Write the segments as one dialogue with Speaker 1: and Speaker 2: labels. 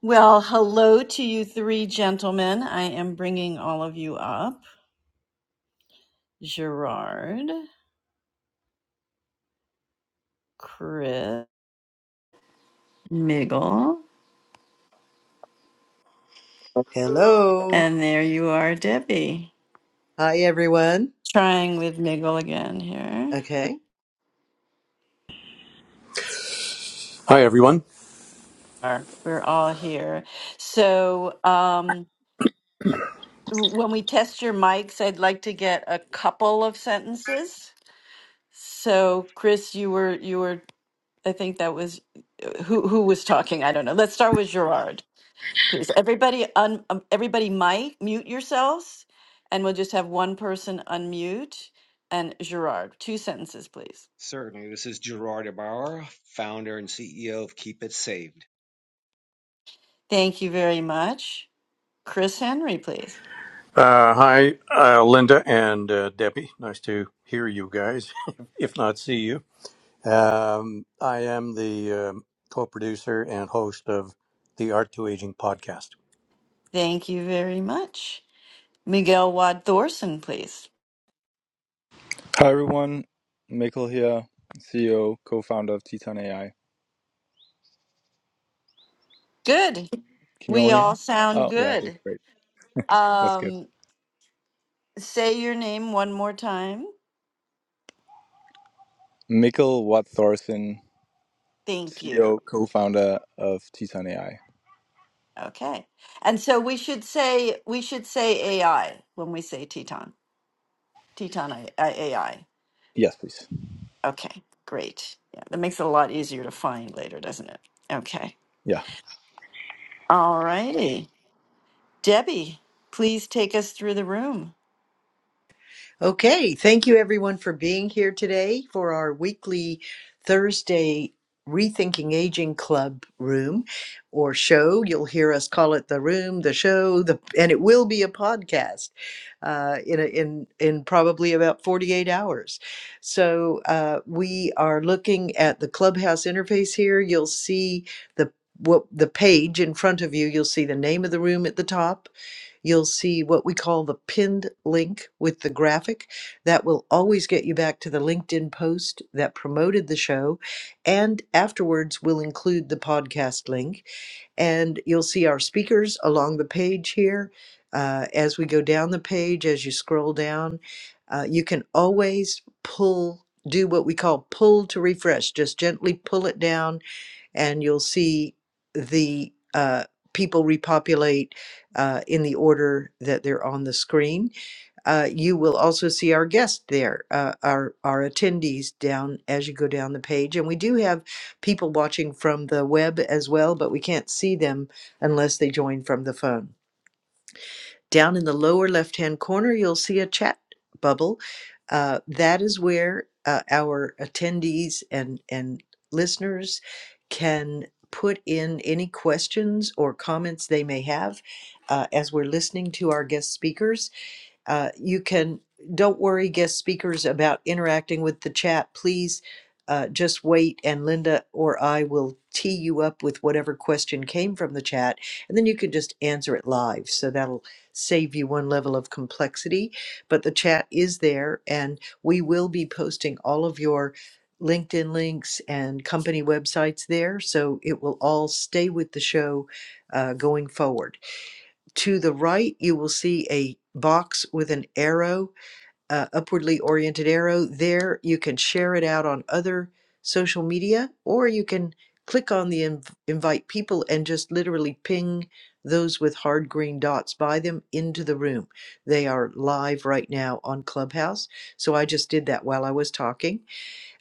Speaker 1: Well, hello to you three gentlemen. I am bringing all of you up Gerard, Chris, Miggle.
Speaker 2: Hello.
Speaker 1: And there you are, Debbie.
Speaker 2: Hi, everyone.
Speaker 1: trying with Miguel again here.
Speaker 2: Okay.
Speaker 3: Hi, everyone.
Speaker 1: Are- We're all here. So, um, w- when we test your mics, I'd like to get a couple of sentences. So, Chris, you were, you were, I think that was uh, who who was talking. I don't know. Let's start with Gerard. Please, everybody un, um, everybody mic, mute yourselves, and we'll just have one person unmute. And Gerard, two sentences, please.
Speaker 4: Certainly. This is Gerard Ibarra, founder and CEO of Keep It Saved.
Speaker 1: Thank you very much. Chris Henry, please.
Speaker 3: Uh, hi, uh, Linda and uh, Debbie. Nice to hear you guys, if not see you. Um, I am the um, co producer and host of the Art to Aging podcast.
Speaker 1: Thank you very much. Miguel Wad Thorson, please.
Speaker 5: Hi everyone, Mikkel here, CEO, co-founder of Titan AI.
Speaker 1: Good.
Speaker 5: Can you all
Speaker 1: We
Speaker 5: hear me?
Speaker 1: all sound
Speaker 5: Oh yeah, okay,
Speaker 1: good.
Speaker 5: great. That's good.
Speaker 1: Um, say your name one more time.
Speaker 5: Mikkel Watt Thorsen,
Speaker 1: Thank you.
Speaker 5: CEO, co-founder of Titan AI.
Speaker 1: Okay. And so we should say we should say AI when we say Teton. Teton I, AI.
Speaker 5: Yes, please.
Speaker 1: Okay, great. Yeah, that makes it a lot easier to find later, doesn't it? Okay.
Speaker 5: Yeah.
Speaker 1: All righty. Debbie, please take us through the room.
Speaker 2: Okay. Thank you, everyone, for being here today for our weekly Thursday Rethinking Aging Club room or show. You'll hear us call it the room, the show, the, and it will be a podcast uh, in, a, in, in probably about 48 hours. So uh, we are looking at the Clubhouse interface here. You'll see the what the page in front of you you'll see the name of the room at the top You'll see what we call the pinned link with the graphic. That will always get you back to the LinkedIn post that promoted the show. And afterwards, we'll include the podcast link. And you'll see our speakers along the page here. Uh, as we go down the page, as you scroll down, uh, you can always pull, do what we call pull to refresh. Just gently pull it down and you'll see the uh, people repopulate uh, in the order that they're on the screen. Uh, you will also see our guests there, uh, our our attendees down as you go down the page, and we do have people watching from the web as well, but we can't see them unless they join from the phone. Down in the lower left hand corner, you'll see a chat bubble. Uh, that is where uh, our attendees and, and listeners can put in any questions or comments they may have uh, as we're listening to our guest speakers uh, you can, don't worry, guest speakers, about interacting with the chat. Please uh, just wait, and Linda or I will tee you up with whatever question came from the chat, and then you can just answer it live. So that'll save you one level of complexity. But the chat is there, and we will be posting all of your LinkedIn links and company websites there. So it will all stay with the show uh, going forward. To the right, you will see a box with an arrow, uh, upwardly oriented arrow. There, you can share it out on other social media, or you can click on the inv- invite people and just literally ping those with hard green dots by them into the room. They are live right now on Clubhouse. So I just did that while I was talking.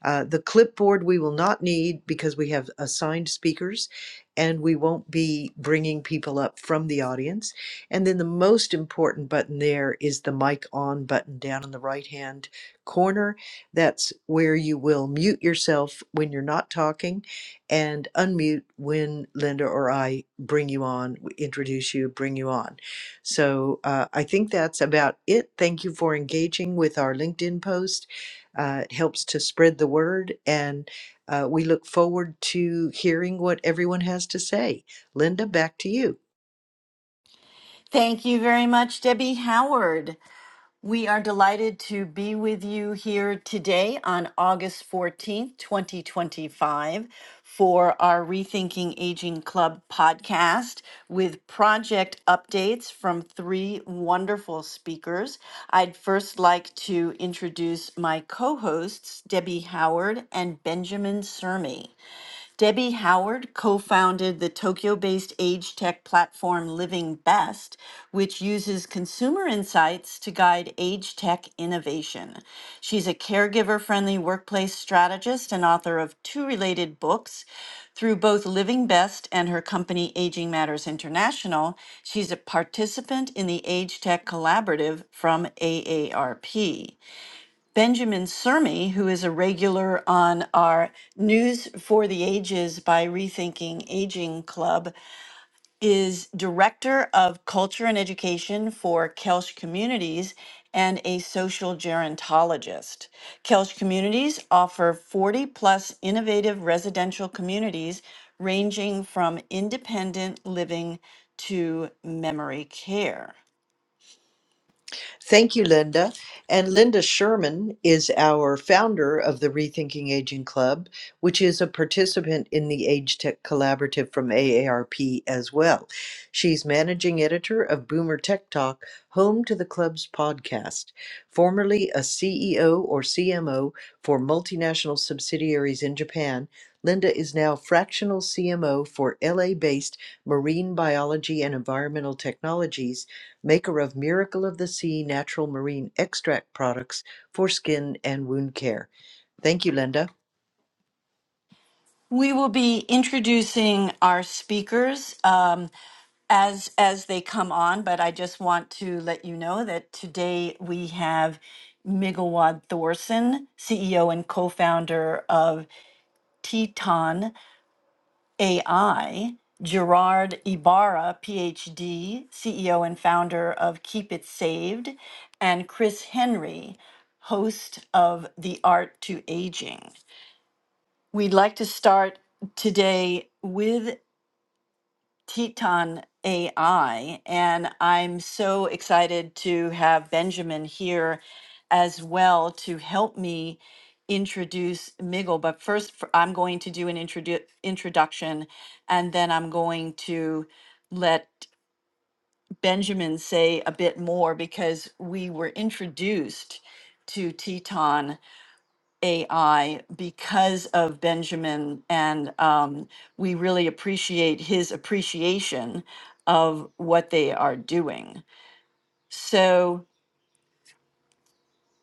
Speaker 2: Uh, the clipboard we will not need because we have assigned speakers and we won't be bringing people up from the audience. And then the most important button there is the mic on button down in the right hand corner. That's where you will mute yourself when you're not talking and unmute when Linda or I bring you on, w- introduce you, bring you on. So uh, I think that's about it. Thank you for engaging with our LinkedIn post uh, it helps to spread the word, and uh, we look forward to hearing what everyone has to say. Linda, back to you.
Speaker 1: Thank you very much, Debbie Howard. We are delighted to be with you here today on August 14th, 2025, for our Rethinking Aging Club podcast with project updates from three wonderful speakers. I'd first like to introduce my co hosts, Debbie Howard and Benjamin Sermi. Debbie Howard co founded the Tokyo based age tech platform Living Best, which uses consumer insights to guide age tech innovation. She's a caregiver friendly workplace strategist and author of two related books. Through both Living Best and her company Aging Matters International, she's a participant in the Age Tech Collaborative from AARP. Benjamin Sermi, who is a regular on our News for the Ages by Rethinking Aging Club, is Director of Culture and Education for Kelsch Communities and a social gerontologist. Kelsch Communities offer 40 plus innovative residential communities ranging from independent living to memory care.
Speaker 2: Thank you, Linda. And Linda Sherman is our founder of the Rethinking Aging Club, which is a participant in the Age Tech Collaborative from AARP as well. She's managing editor of Boomer Tech Talk, home to the club's podcast. Formerly a CEO or CMO for multinational subsidiaries in Japan, Linda is now fractional CMO for LA based marine biology and environmental technologies maker of Miracle of the Sea natural marine extract products for skin and wound care. Thank you, Linda.
Speaker 1: We will be introducing our speakers um, as as they come on, but I just want to let you know that today we have Migawad Thorson, CEO and co-founder of Teton AI, Gerard Ibarra, PhD, CEO and founder of Keep It Saved, and Chris Henry, host of The Art to Aging. We'd like to start today with Teton AI, and I'm so excited to have Benjamin here as well to help me introduce Miggle. But first, f- I'm going to do an introdu- introduction, and then I'm going to let Benjamin say a bit more because we were introduced to Teton AI because of Benjamin, and um, we really appreciate his appreciation of what they are doing. So,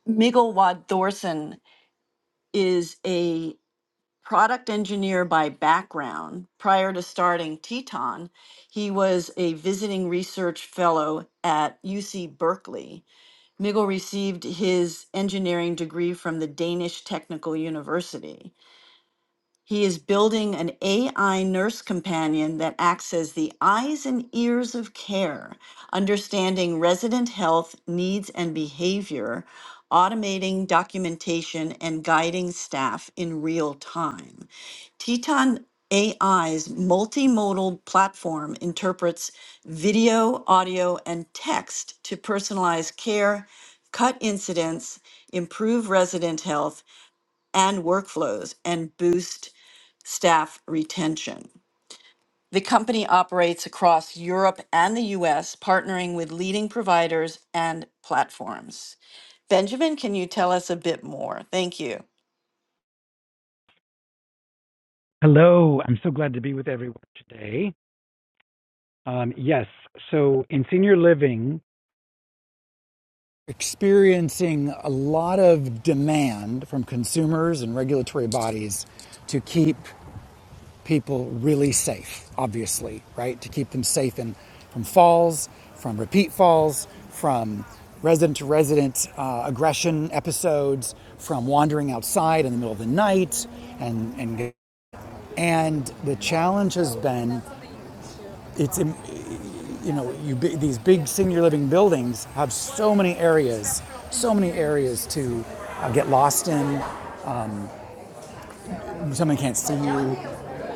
Speaker 1: Miguel Wad Thorson is a product engineer by background. Prior to starting Teton, he was a visiting research fellow at UC Berkeley. Miguel received his engineering degree from the Danish Technical University. He is building an AI nurse companion that acts as the eyes and ears of care, understanding resident health needs and behavior, automating documentation, and guiding staff in real time. Teton AI's multimodal platform interprets video, audio, and text to personalize care, cut incidents, improve resident health and workflows, and boost staff retention. The company operates across Europe and the US, partnering with leading providers and platforms. Benjamin, can you tell us a bit more? Thank you.
Speaker 6: Hello, I'm so glad to be with everyone today. Um, yes, so in senior living, experiencing a lot of demand from consumers and regulatory bodies to keep people really safe, obviously, right? To keep them safe in, from falls, from repeat falls, from resident to resident uh, aggression episodes, from wandering outside in the middle of the night, and, and and the challenge has been it's you know, you, these big senior living buildings have so many areas, so many areas to uh, get lost in. Someone can't see you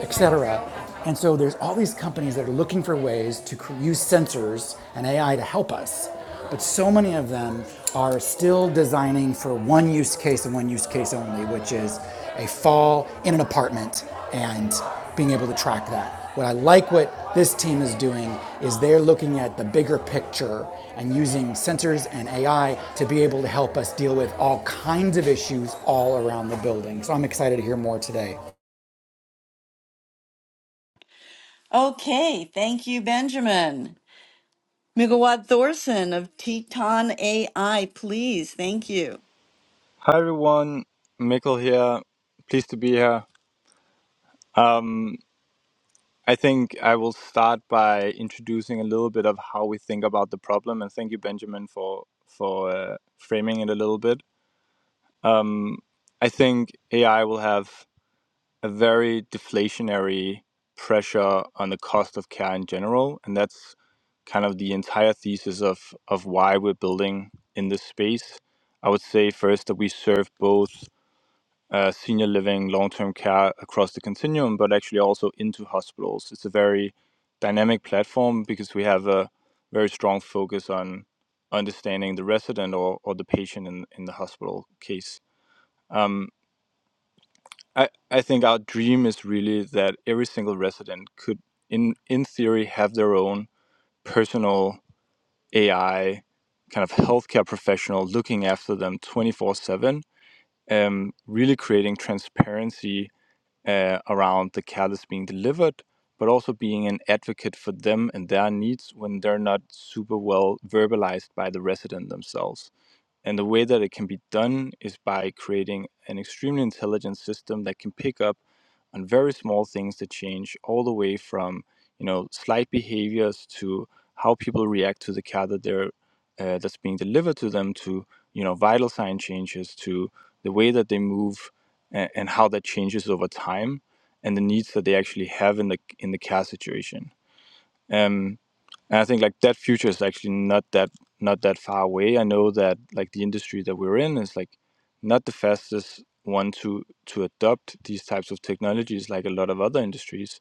Speaker 6: et cetera. And so there's all these companies that are looking for ways to use sensors and AI to help us. But so many of them are still designing for one use case and one use case only, which is a fall in an apartment and being able to track that. What I like what this team is doing is they're looking at the bigger picture and using sensors and AI to be able to help us deal with all kinds of issues all around the building. So I'm excited to hear more today.
Speaker 1: Okay, thank you, Benjamin. Migawad Thorson of Teton AI, please. Thank you.
Speaker 5: Hi everyone, Mikkel here. Pleased to be here. Um, I think I will start by introducing a little bit of how we think about the problem, and thank you, Benjamin, for for uh, framing it a little bit. Um, I think AI will have a very deflationary pressure on the cost of care in general. And that's kind of the entire thesis of, of why we're building in this space. I would say first that we serve both uh, senior living, long term care across the continuum, but actually also into hospitals. It's a very dynamic platform because we have a very strong focus on understanding the resident or, or the patient in, in the hospital case. Um, I, I think our dream is really that every single resident could, in, in theory, have their own personal AI kind of healthcare professional looking after them 24 7, um, really creating transparency uh, around the care that's being delivered, but also being an advocate for them and their needs when they're not super well verbalized by the resident themselves. And the way that it can be done is by creating an extremely intelligent system that can pick up on very small things that change all the way from, you know, slight behaviors to how people react to the care that they're uh, that's being delivered to them to, you know, vital sign changes to the way that they move and, and how that changes over time and the needs that they actually have in the in the care situation. Um, and I think like that future is actually not that not that far away. I know that like the industry that we're in is like not the fastest one to to adopt these types of technologies like a lot of other industries.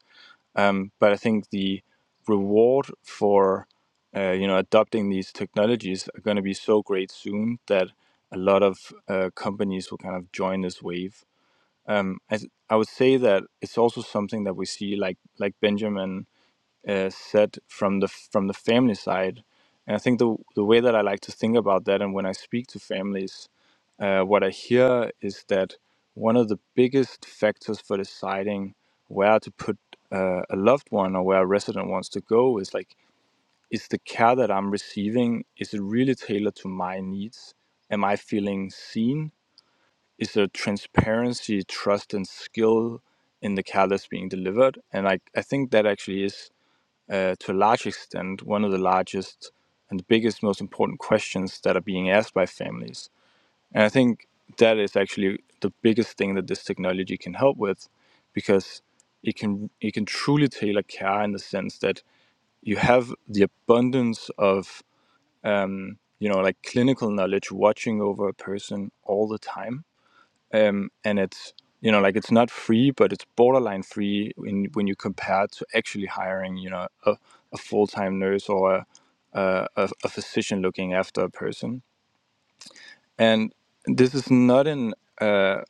Speaker 5: Um, but I think the reward for uh, you know adopting these technologies are going to be so great soon that a lot of uh, companies will kind of join this wave. Um, I, I would say that it's also something that we see like like Benjamin uh, set from the from the family side. And I think the the way that I like to think about that, and when I speak to families, uh, what I hear is that one of the biggest factors for deciding where to put uh, a loved one or where a resident wants to go is like, is the care that I'm receiving is it really tailored to my needs? Am I feeling seen? Is there transparency, trust, and skill in the care that's being delivered? And I, I think that actually is uh, to a large extent, one of the largest and the biggest, most important questions that are being asked by families. And I think that is actually the biggest thing that this technology can help with, because it can it can truly tailor care in the sense that you have the abundance of you know like clinical knowledge watching over a person all the time um, and it's you know like it's not free but it's borderline free when, when you compare it to actually hiring you know a, a full-time nurse or a, a, a physician looking after a person and this is not an uh,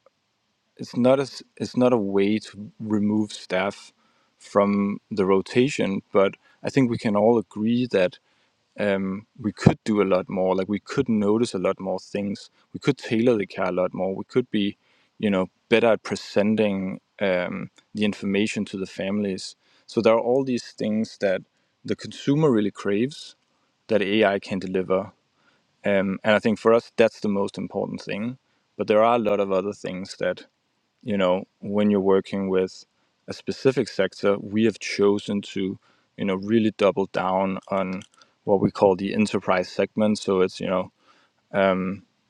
Speaker 5: it's not a s- it's not a way to remove staff from the rotation but i think we can all agree that um, we could do a lot more. Like we could notice a lot more things. We could tailor the car a lot more. We could be, you know, better at presenting um, the information to the families. So there are all these things that the consumer really craves that AI can deliver. Um, and I think for us, that's the most important thing. But there are a lot of other things that you know when you're working with a specific sector we have chosen to you know really double down on what we call the enterprise segment so it's you know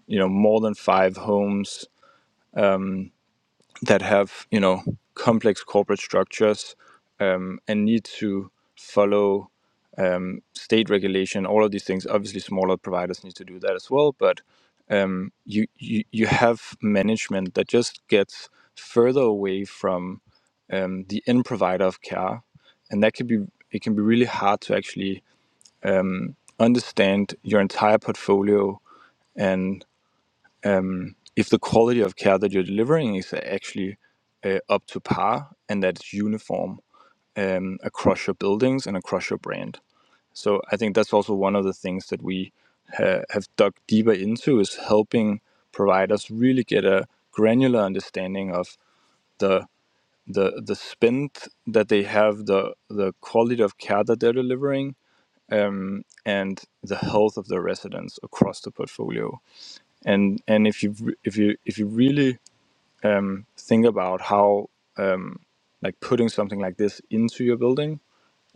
Speaker 5: you know more than five homes that have you know complex corporate structures um, and need to follow um, state regulation all of these things obviously smaller providers need to do that as well but you you, you have management that just gets further away from um, the end provider of care, and that can be it can be really hard to actually understand your entire portfolio and if the quality of care that you're delivering is actually uh, up to par and that it's uniform um, across your buildings and across your brand. So I think that's also one of the things that we ha- have dug deeper into is helping providers really get a granular understanding of the the the spin that they have, the the quality of care that they're delivering, and the health of the residents across the portfolio. And and if you if you if you really think about how like putting something like this into your building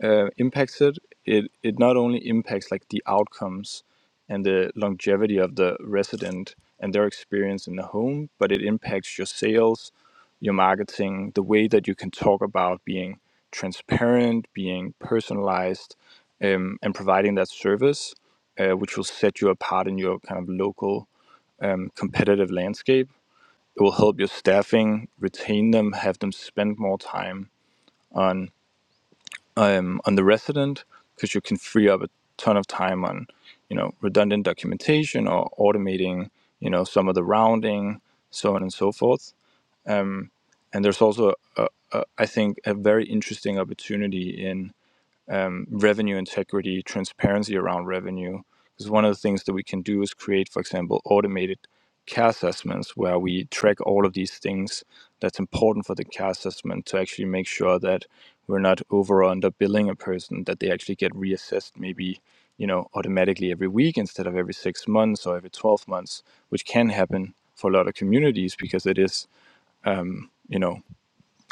Speaker 5: uh, impacted, it it it not only impacts like the outcomes and the longevity of the resident and their experience in the home, but it impacts your sales, your marketing, the way that you can talk about being transparent, being personalized, um, and providing that service, uh, which will set you apart in your kind of local um, competitive landscape. It will help your staffing retain them, have them spend more time um, on the resident because you can free up a ton of time on you know redundant documentation or automating you know some of the rounding so on and so forth um, and there's also a, a, I think a very interesting opportunity in revenue integrity, transparency around revenue. Because one of the things that we can do is create, for example, automated care assessments where we track all of these things that's important for the care assessment to actually make sure that we're not over or under billing a person, that they actually get reassessed maybe, you know, automatically every week instead of every six months or every 12 months, which can happen for a lot of communities because it is, you know,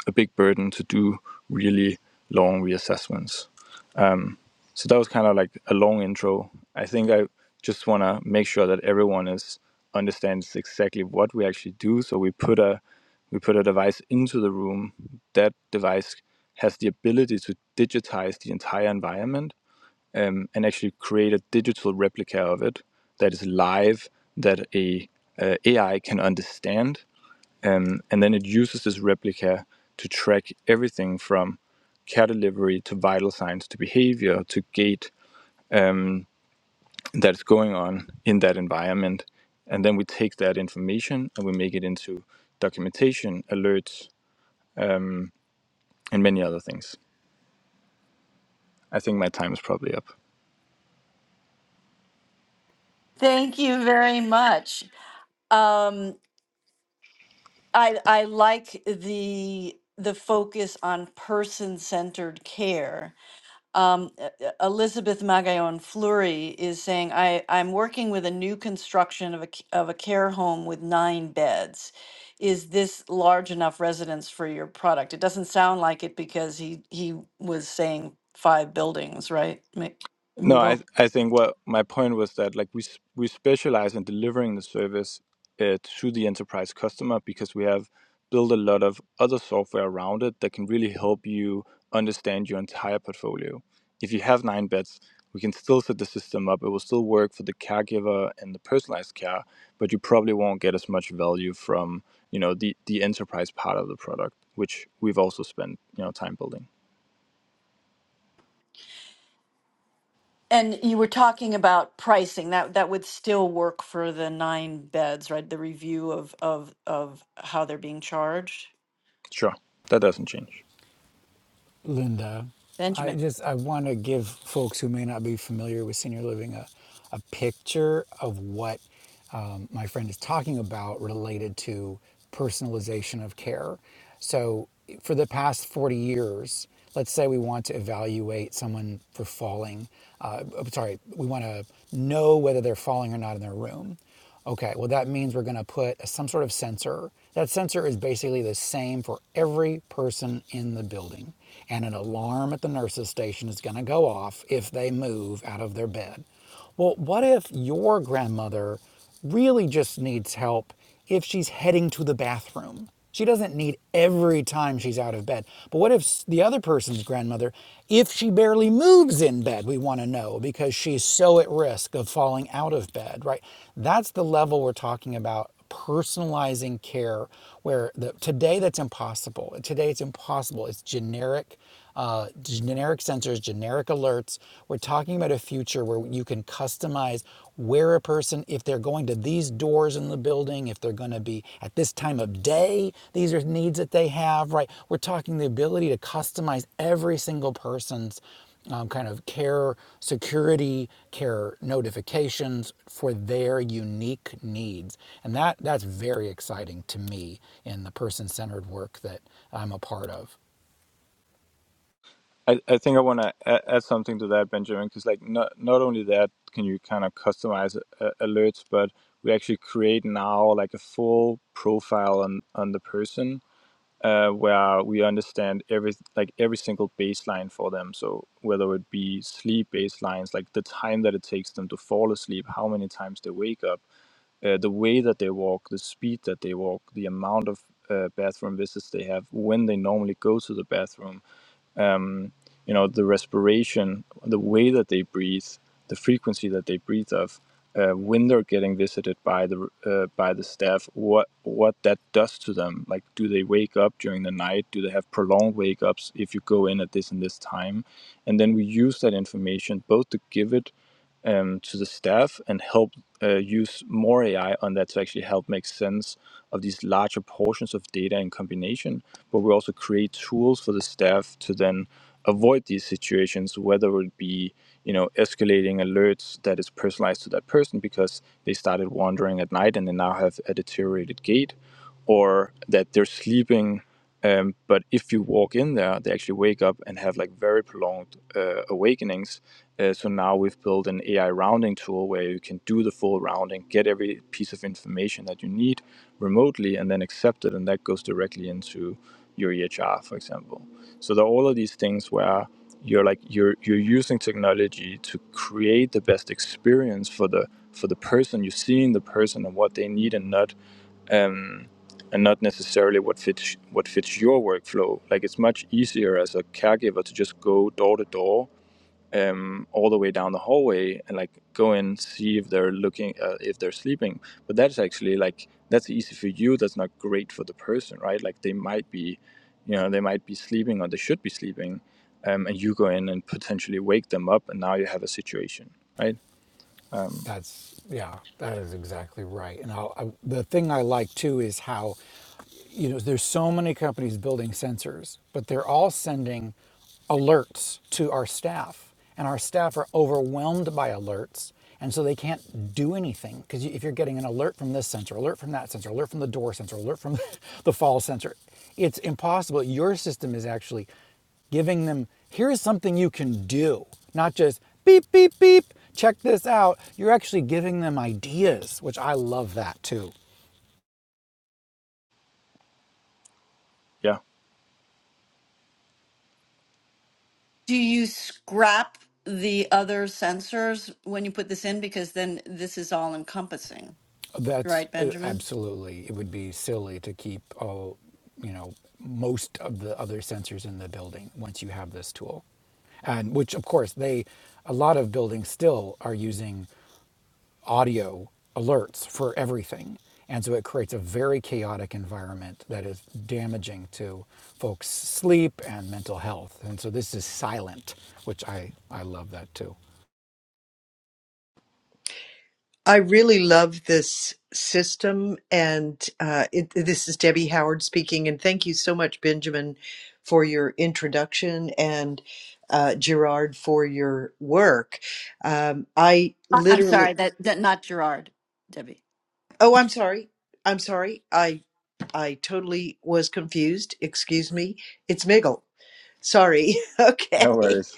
Speaker 5: a big burden to do really long reassessments. So that was kind of like a long intro. I think I just want to make sure that everyone is understands exactly what we actually do. So we put a we put a device into the room. That device has the ability to digitize the entire environment um, and actually create a digital replica of it that is live that a uh, AI can understand, um, and then it uses this replica to track everything from care delivery to vital signs to behavior to gait that's going on in that environment. And then we take that information and we make it into documentation, alerts, um, and many other things. I think my time is probably up.
Speaker 1: Thank you very much. Um, I I like the the focus on person centered care Um, E- E- Elizabeth Magallon Fleury is saying, I, I'm working with a new construction of a, c- of a care home with nine beds. Is this large enough residence for your product? It doesn't sound like it because he, he was saying five buildings, right? Ma-
Speaker 5: No, I
Speaker 1: Mughal?
Speaker 5: I think what my point was that like we s- we specialize in delivering the service uh, to the enterprise customer because we have built a lot of other software around it that can really help you understand your entire portfolio. If you have nine beds, we can still set the system up. It will still work for the caregiver and the personalized care, but you probably won't get as much value from you know the the enterprise part of the product, which we've also spent you know time building.
Speaker 1: And you were talking about pricing. That that would still work for the nine beds, right? The review of of of how they're being charged.
Speaker 5: Sure, that doesn't change.
Speaker 6: Linda. I
Speaker 1: Benjamin.
Speaker 6: just I want to give folks who may not be familiar with senior living a, a picture of what um, my friend is talking about related to personalization of care. So for the past 40 years, let's say we want to evaluate someone for falling. Uh, I'm sorry, we want to know whether they're falling or not in their room. Okay, well, that means we're going to put some sort of sensor. That sensor is basically the same for every person in the building. And an alarm at the nurse's station is going to go off if they move out of their bed. Well, what if your grandmother really just needs help if she's heading to the bathroom. She doesn't need every time she's out of bed. But what if the other person's grandmother, if she barely moves in bed, we want to know because she's so at risk of falling out of bed, right? That's the level we're talking about personalizing care where the, today that's impossible. Today it's impossible. It's generic uh, generic sensors, generic alerts. We're talking about a future where you can customize where a person, if they're going to these doors in the building, if they're going to be at this time of day, these are needs that they have, right? We're talking the ability to customize every single person's um, kind of care, security, care notifications for their unique needs. And that, that's very exciting to me in the person centered work that I'm a part of.
Speaker 5: I, I think I want to add, add something to that, Benjamin, because like not not only that can you kind of customize uh, alerts, but we actually create now like a full profile on on the person uh, where we understand every like every single baseline for them. So whether it be sleep baselines, like the time that it takes them to fall asleep, how many times they wake up, uh, the way that they walk, the speed that they walk, the amount of uh, bathroom visits they have, when they normally go to the bathroom you know the respiration the way that they breathe the frequency that they breathe of uh, when they're getting visited by the uh, by the staff what what that does to them like do they wake up during the night do they have prolonged wake ups if you go in at this and this time and then we use that information both to give it um, to the staff and help uh, use more AI on that to actually help make sense of these larger portions of data in combination. But we also create tools for the staff to then avoid these situations, whether it be you know escalating alerts that is personalized to that person because they started wandering at night and they now have a deteriorated gait, or that they're sleeping um, but if you walk in there, they actually wake up and have like very prolonged uh, awakenings. Uh, so now we've built an AI rounding tool where you can do the full rounding, get every piece of information that you need remotely, and then accept it, and that goes directly into your EHR, for example. So there are all of these things where you're like you're you're using technology to create the best experience for the for the person you're seeing the person and what they need and not um, and not necessarily what fits what fits your workflow. Like it's much easier as a caregiver to just go door to door, um, all the way down the hallway, and like go in see if they're looking uh, if they're sleeping. But that's actually like that's easy for you. That's not great for the person, right? Like they might be, you know, they might be sleeping or they should be sleeping, um, and you go in and potentially wake them up, and now you have a situation, right?
Speaker 6: That's yeah, that is exactly right. And I'll, I, the thing I like too is how you know, there's so many companies building sensors, but they're all sending alerts to our staff, and our staff are overwhelmed by alerts, and so they can't do anything because if you're getting an alert from this sensor, alert from that sensor, alert from the door sensor, alert from the fall sensor, it's impossible. Your system is actually giving them here's something you can do, not just beep beep beep. Check this out. You're actually giving them ideas, which I love that too.
Speaker 5: Yeah.
Speaker 1: Do you scrap the other sensors when you put this in? Because then this is all encompassing,
Speaker 6: That's
Speaker 1: right,
Speaker 6: uh,
Speaker 1: Benjamin?
Speaker 6: absolutely. It would be silly to keep all, you know, most of the other sensors in the building once you have this tool. And which, of course, they, a lot of buildings still are using audio alerts for everything. And so it creates a very chaotic environment that is damaging to folks' sleep and mental health. And so this is silent, which I, I love that too.
Speaker 2: I really love this system, and uh, it, this is Debbie Howard speaking. And thank you so much, Benjamin, for your introduction, and uh, Gerard for your work. Um, I
Speaker 1: I- I'm
Speaker 2: literally,
Speaker 1: sorry, that, that not Gerard, Debbie.
Speaker 2: oh, I'm sorry. I'm sorry. I I totally was confused. Excuse me. It's Miggle. Sorry.
Speaker 5: No
Speaker 2: okay.
Speaker 5: worries.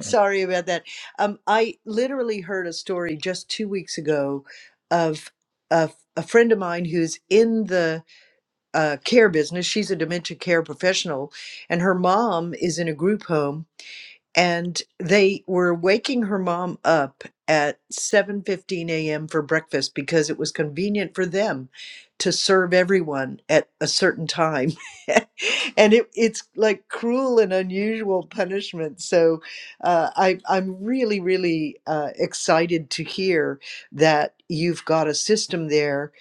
Speaker 2: Sorry about that. Um, I literally heard a story just two weeks ago of a, a friend of mine who's in the uh, care business. She's a dementia care professional, and her mom is in a group home and they were waking her mom up at 7:15 a.m. for breakfast because it was convenient for them to serve everyone at a certain time and it, it's like cruel and unusual punishment so uh, I, i'm really really uh, excited to hear that you've got a system there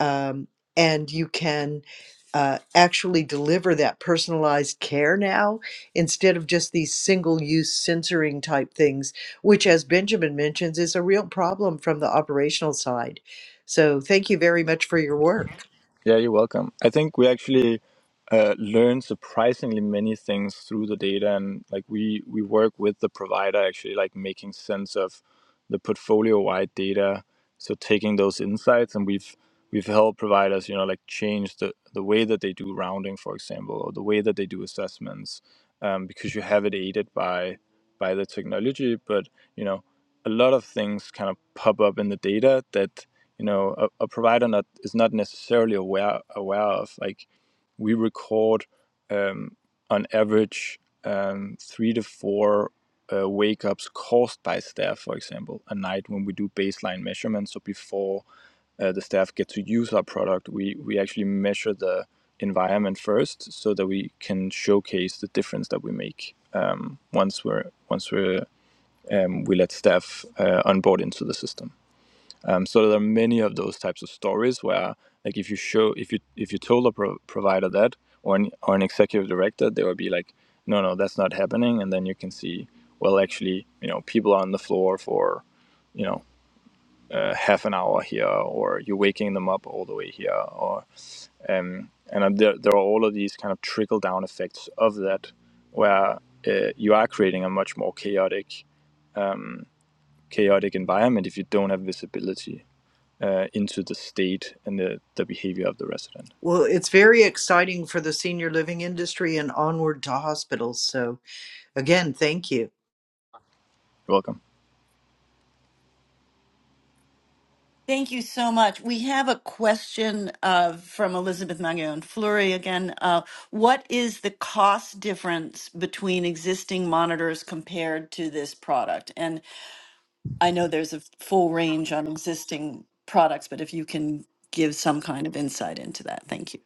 Speaker 2: um, and you can uh, actually deliver that personalized care now instead of just these single use censoring type things, which, as Benjamin mentions, is a real problem from the operational side. So, thank you very much for your work.
Speaker 5: Yeah, you're welcome. I think we actually uh, learn surprisingly many things through the data, and like we we work with the provider actually, like making sense of the portfolio-wide data. So taking those insights, and we've we've helped providers, you know, like change the the way that they do rounding, for example, or the way that they do assessments, um, because you have it aided by by the technology. But you know, a lot of things kind of pop up in the data that you know a, a provider not is not necessarily aware aware of like we record um, on average um, three to four uh, wake ups caused by staff for example a night when we do baseline measurements so before uh, the staff get to use our product we we actually measure the environment first so that we can showcase the difference that we make um, once we're once we're um, we let staff uh, onboard into the system um, so there are many of those types of stories where, like, if you show, if you if you told a pro- provider that, or an, or an executive director, they would be like, no, no, that's not happening. And then you can see, well, actually, you know, people are on the floor for you know uh, half an hour here, or you're waking them up all the way here, or um, and uh, there there are all of these kind of trickle down effects of that, where uh, you are creating a much more chaotic chaotic environment if you don't have visibility uh, into the state and the, the behavior of the resident.
Speaker 2: Well, it's very exciting for the senior living industry and onward to hospitals. So, again, thank you.
Speaker 5: You're welcome.
Speaker 1: Thank you so much. We have a question uh, from Elizabeth Magallon Fleury again. Uh, what is the cost difference between existing monitors compared to this product? And I know there's a full range on existing products, but if you can give some kind of insight into that, thank you.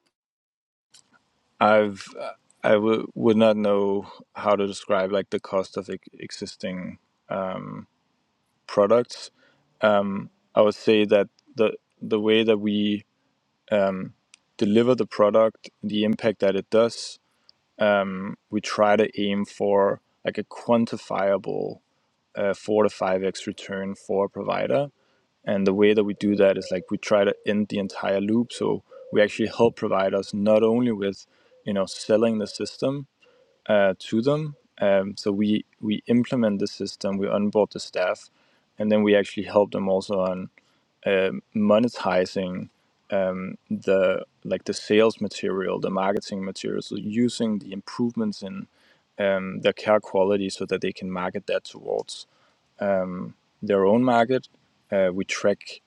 Speaker 5: I've uh, I w- would not know how to describe like the cost of ex- existing products. Um, I would say that the the way that we deliver the product, the impact that it does, um, we try to aim for like a quantifiable uh, four to five x return for a provider And the way that we do that is like we try to end the entire loop. So we actually help providers not only with, you know, selling the system uh, to them. Um, so we we implement the system, we onboard the staff, and then we actually help them also on um monetizing um, the like the sales material, the marketing material. So using the improvements in um, their care quality so that they can market that towards their own market. Uh, we track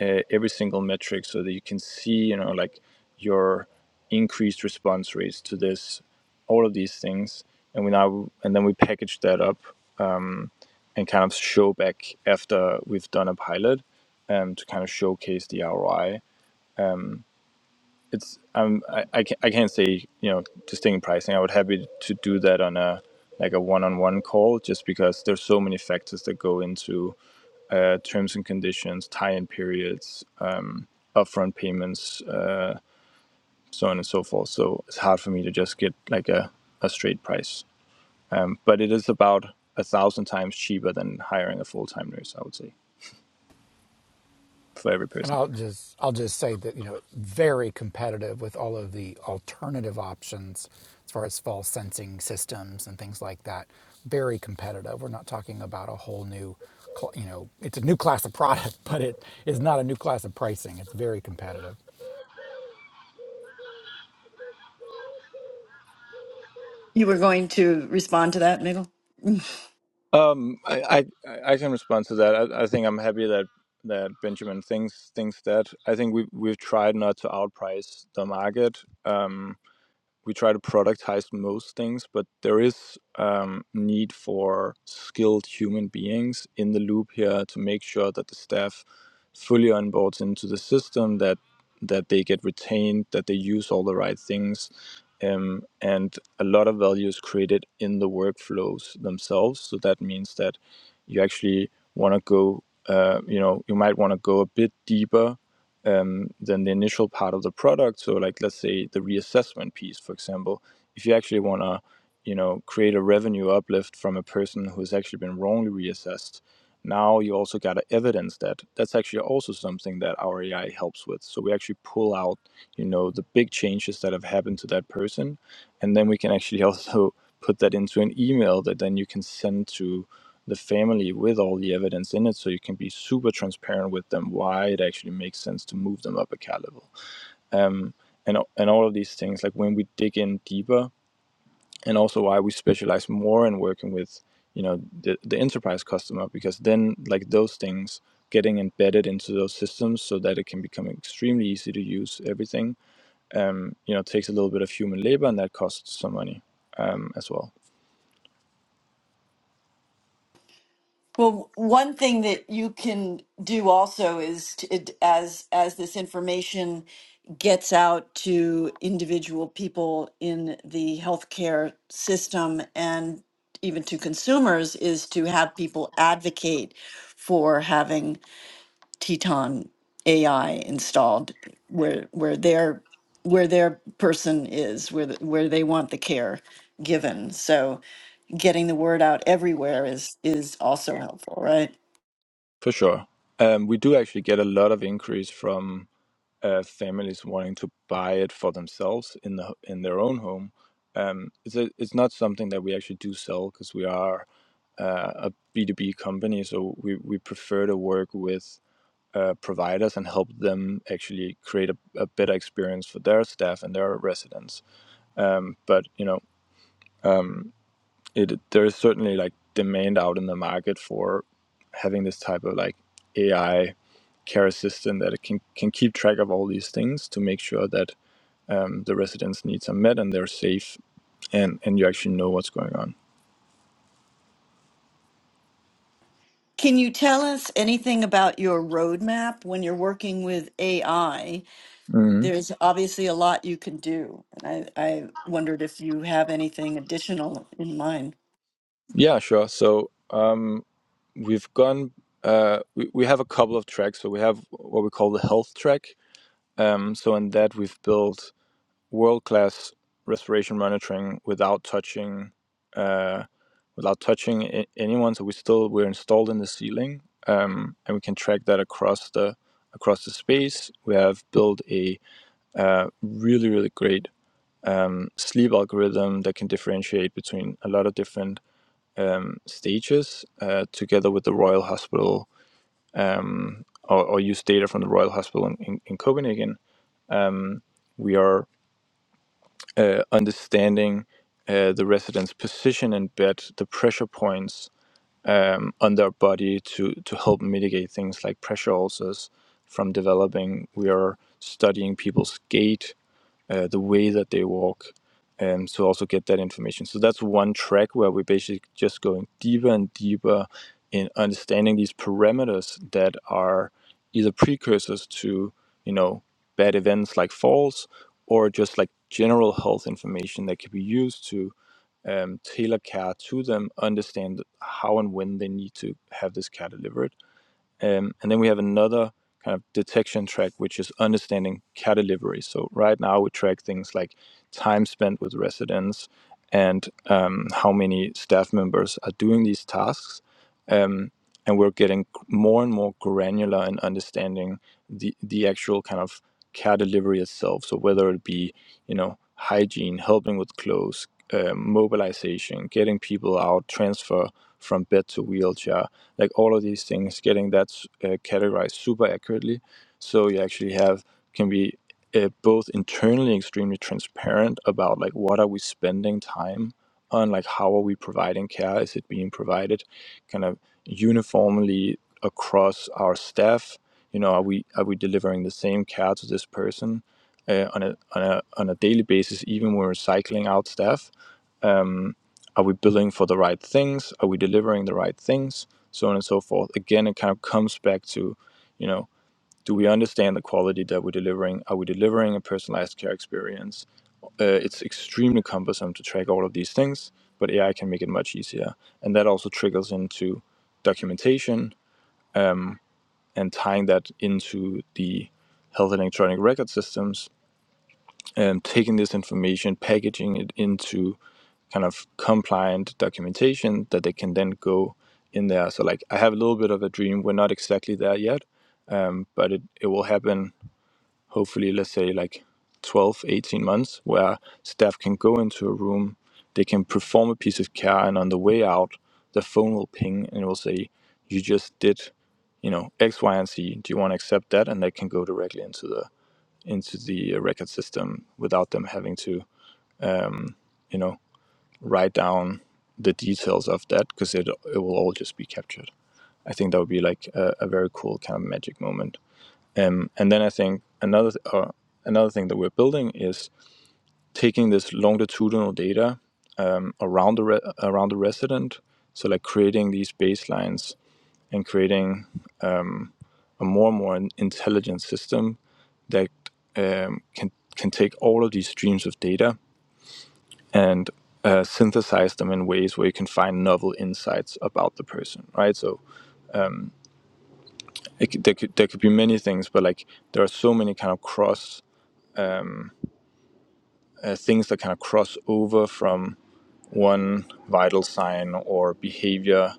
Speaker 5: uh, every single metric so that you can see you know like your increased response rates to this all of these things and we now and then we package that up and kind of show back after we've done a pilot um, to kind of showcase the ROI it's um, I, I, can't, I can't say you know distinct pricing I would happy to do that on a like a one-on-one call just because there's so many factors that go into uh, terms and conditions tie-in periods um, upfront payments uh, so on and so forth. So it's hard for me to just get like a, a straight price. Um, but it is about a thousand times cheaper than hiring a full time nurse, I would say, for every
Speaker 6: And
Speaker 5: person.
Speaker 6: I'll just I'll just say that you know it's very competitive with all of the alternative options as far as fall sensing systems and things like that. Very competitive. We're not talking about a whole new, cl- you know, it's a new class of product, but it is not a new class of pricing. It's very competitive.
Speaker 1: You were going to respond to that, Miguel?
Speaker 5: Um, I, I I can respond to that. I, I think I'm happy that that Benjamin thinks thinks that. I think we we've tried not to outprice the market. Um, we try to productize most things, but there is um, need for skilled human beings in the loop here to make sure that the staff fully onboards into the system, that that they get retained, that they use all the right things, um, and a lot of value is created in the workflows themselves. So that means that you actually want to go, uh, you know, you might want to go a bit deeper um, than the initial part of the product. So, like let's say the reassessment piece, for example, if you actually want to, you know, create a revenue uplift from a person who has actually been wrongly reassessed, now you also got to evidence that. That's actually also something that our AI helps with. So we actually pull out, you know, the big changes that have happened to that person, and then we can actually also put that into an email that then you can send to the family with all the evidence in it so you can be super transparent with them why it actually makes sense to move them up a cat level um, and, and all of these things like when we dig in deeper and also why we specialize more in working with you know the, the enterprise customer because then like those things getting embedded into those systems so that it can become extremely easy to use everything um, you know takes a little bit of human labor and that costs some money um, as well
Speaker 1: Well, one thing that you can do also is to, it- as as this information gets out to individual people in the healthcare system and even to consumers is to have people advocate for having Teton AI installed where where their where their person is, where the, where they want the care given. So getting the word out everywhere is is also helpful, right?
Speaker 5: for sure um, we do actually get a lot of inquiries from uh, families wanting to buy it for themselves in the in their own home. Um, it's a, it's not something that we actually do sell because we are uh, a B two B company, so we we prefer to work with. Uh, providers and help them actually create a, a better experience for their staff and their residents. Um, but you know, it there is certainly like demand out in the market for having this type of like AI care assistant that it can can keep track of all these things to make sure that um, the residents' needs are met and they're safe and, and you actually know what's going on.
Speaker 1: Can you tell us anything about your roadmap when you're working with AI?
Speaker 5: hmm
Speaker 1: There's obviously a lot you can do, and I, I wondered if you have anything additional in mind.
Speaker 5: Yeah, sure. So um, we've gone, uh, we, we have a couple of tracks. So we have what we call the health track. Um, so in that, we've built world class respiration monitoring without touching. Uh, without touching a- anyone so we still we're installed in the ceiling um, and we can track that across the across the space we have built a uh, really really great sleep algorithm that can differentiate between a lot of different um, stages uh, together with the Royal Hospital um, or, or use data from the Royal Hospital in, in, in Copenhagen. We are uh, understanding uh, the resident's position in bed, the pressure points um, on their body to, to help mitigate things like pressure ulcers from developing. We are studying people's gait uh, the way that they walk. Um, so also get that information. So that's one track where we're basically just going deeper and deeper in understanding these parameters that are either precursors to you know bad events like falls or just like general health information that can be used to um, tailor care to them, understand how and when they need to have this care delivered um, and then we have another kind of detection track, which is understanding care delivery. So right now we track things like time spent with residents and um, how many staff members are doing these tasks. Um, and we're getting more and more granular in understanding the, the actual kind of care delivery itself. So whether it be, you know, hygiene, helping with clothes, uh, mobilization, getting people out, transfer from bed to wheelchair, like all of these things, getting that uh, categorized super accurately. So you actually have can be uh, both internally extremely transparent about like what are we spending time on, like how are we providing care, is it being provided, kind of uniformly across our staff. You know, are we are we delivering the same care to this person? Uh, on a on a on a daily basis, even when we're cycling out staff, um, are we building for the right things? Are we delivering the right things? So on and so forth. Again, it kind of comes back to, you know, do we understand the quality that we're delivering? Are we delivering a personalized care experience? Uh, it's extremely cumbersome to track all of these things, but AI can make it much easier. And that also trickles into documentation and tying that into the health electronic record systems and taking this information, packaging it into kind of compliant documentation that they can then go in there. So like I have a little bit of a dream. We're not exactly there yet, um, but it, it will happen hopefully, let's say like 12, 18 months where staff can go into a room, they can perform a piece of care and on the way out, the phone will ping and it will say, you just did, you know, X, Y, and Z. Do you want to accept that? And they can go directly into the into the record system without them having to, you know, write down the details of that because it it will all just be captured. I think that would be like a, a very cool kind of magic moment. Um, and then I think another uh, another thing that we're building is taking this longitudinal data um, around the re- around the resident, so like creating these baselines and creating a more and more intelligent system that um, can can take all of these streams of data and uh, synthesize them in ways where you can find novel insights about the person, right? So it, there could there could be many things, but like there are so many kind of cross uh, things that kind of cross over from one vital sign or behavior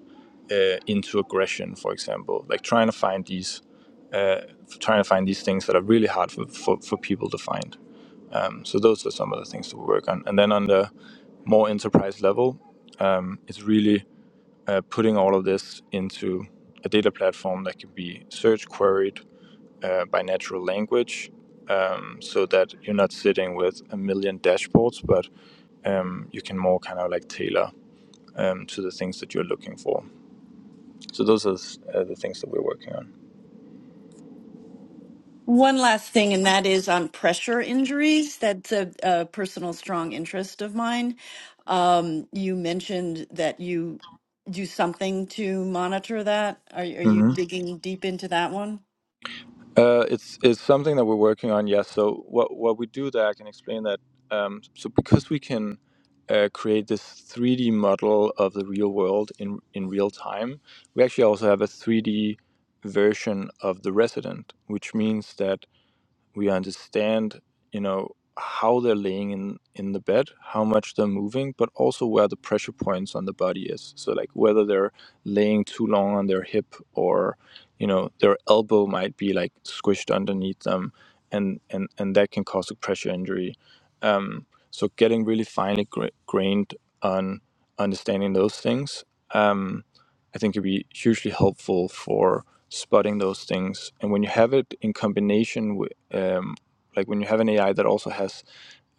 Speaker 5: uh, into aggression, for example. Like trying to find these uh, trying to find these things that are really hard for, for, for people to find. Um, so those are some of the things to work on. And then on the more enterprise level, um, it's really uh, putting all of this into a data platform that can be search queried uh, by natural language um, so that you're not sitting with a million dashboards, but um, you can more kind of like tailor um, to the things that you're looking for. So those are uh, the things that we're working on.
Speaker 1: One last thing, and that is on pressure injuries. That's a, a personal strong interest of mine. Um, you mentioned that you do something to monitor that. Are, are you
Speaker 5: Mm-hmm.
Speaker 1: digging deep into that one?
Speaker 5: Uh, it's it's something that we're working on. Yes. So what what we do there, I can explain that. Um, so because we can uh, create this 3D model of the real world in in real time, we actually also have a 3D version of the resident, which means that we understand you know how they're laying in in the bed how much they're moving but also where the pressure points on the body is so like whether they're laying too long on their hip or you know their elbow might be like squished underneath them and and and that can cause a pressure injury um so getting really finely gra- grained on understanding those things Um, I think it'd be hugely helpful for spotting those things. And when you have it in combination with, um, like when you have an AI that also has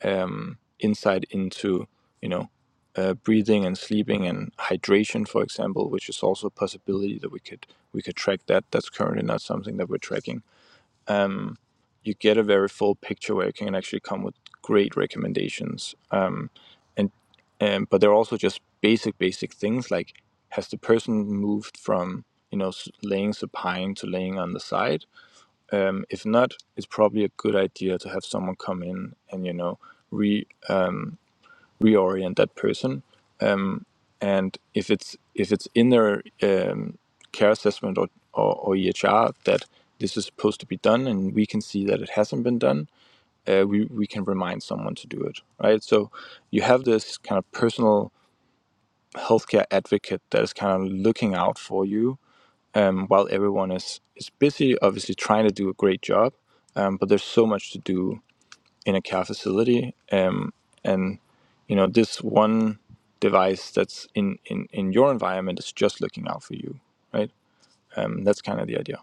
Speaker 5: um, insight into, you know, uh, breathing and sleeping and hydration, for example, which is also a possibility that we could we could track that. That's currently not something that we're tracking you get a very full picture where you can actually come with great recommendations. Um, and and but they're also just basic basic things like has the person moved from you know laying supine to laying on the side? Um, if not, it's probably a good idea to have someone come in and you know re uh, reorient that person. And if it's if it's in their um, care assessment or, or or EHR that this is supposed to be done, and we can see that it hasn't been done, uh, we, we can remind someone to do it, right? So you have this kind of personal healthcare advocate that is kind of looking out for you um, while everyone is, is busy, obviously trying to do a great job, um, but there's so much to do in a care facility. Um, and, you know, this one device that's in, in, in your environment is just looking out for you, right? Um, that's kind of the idea.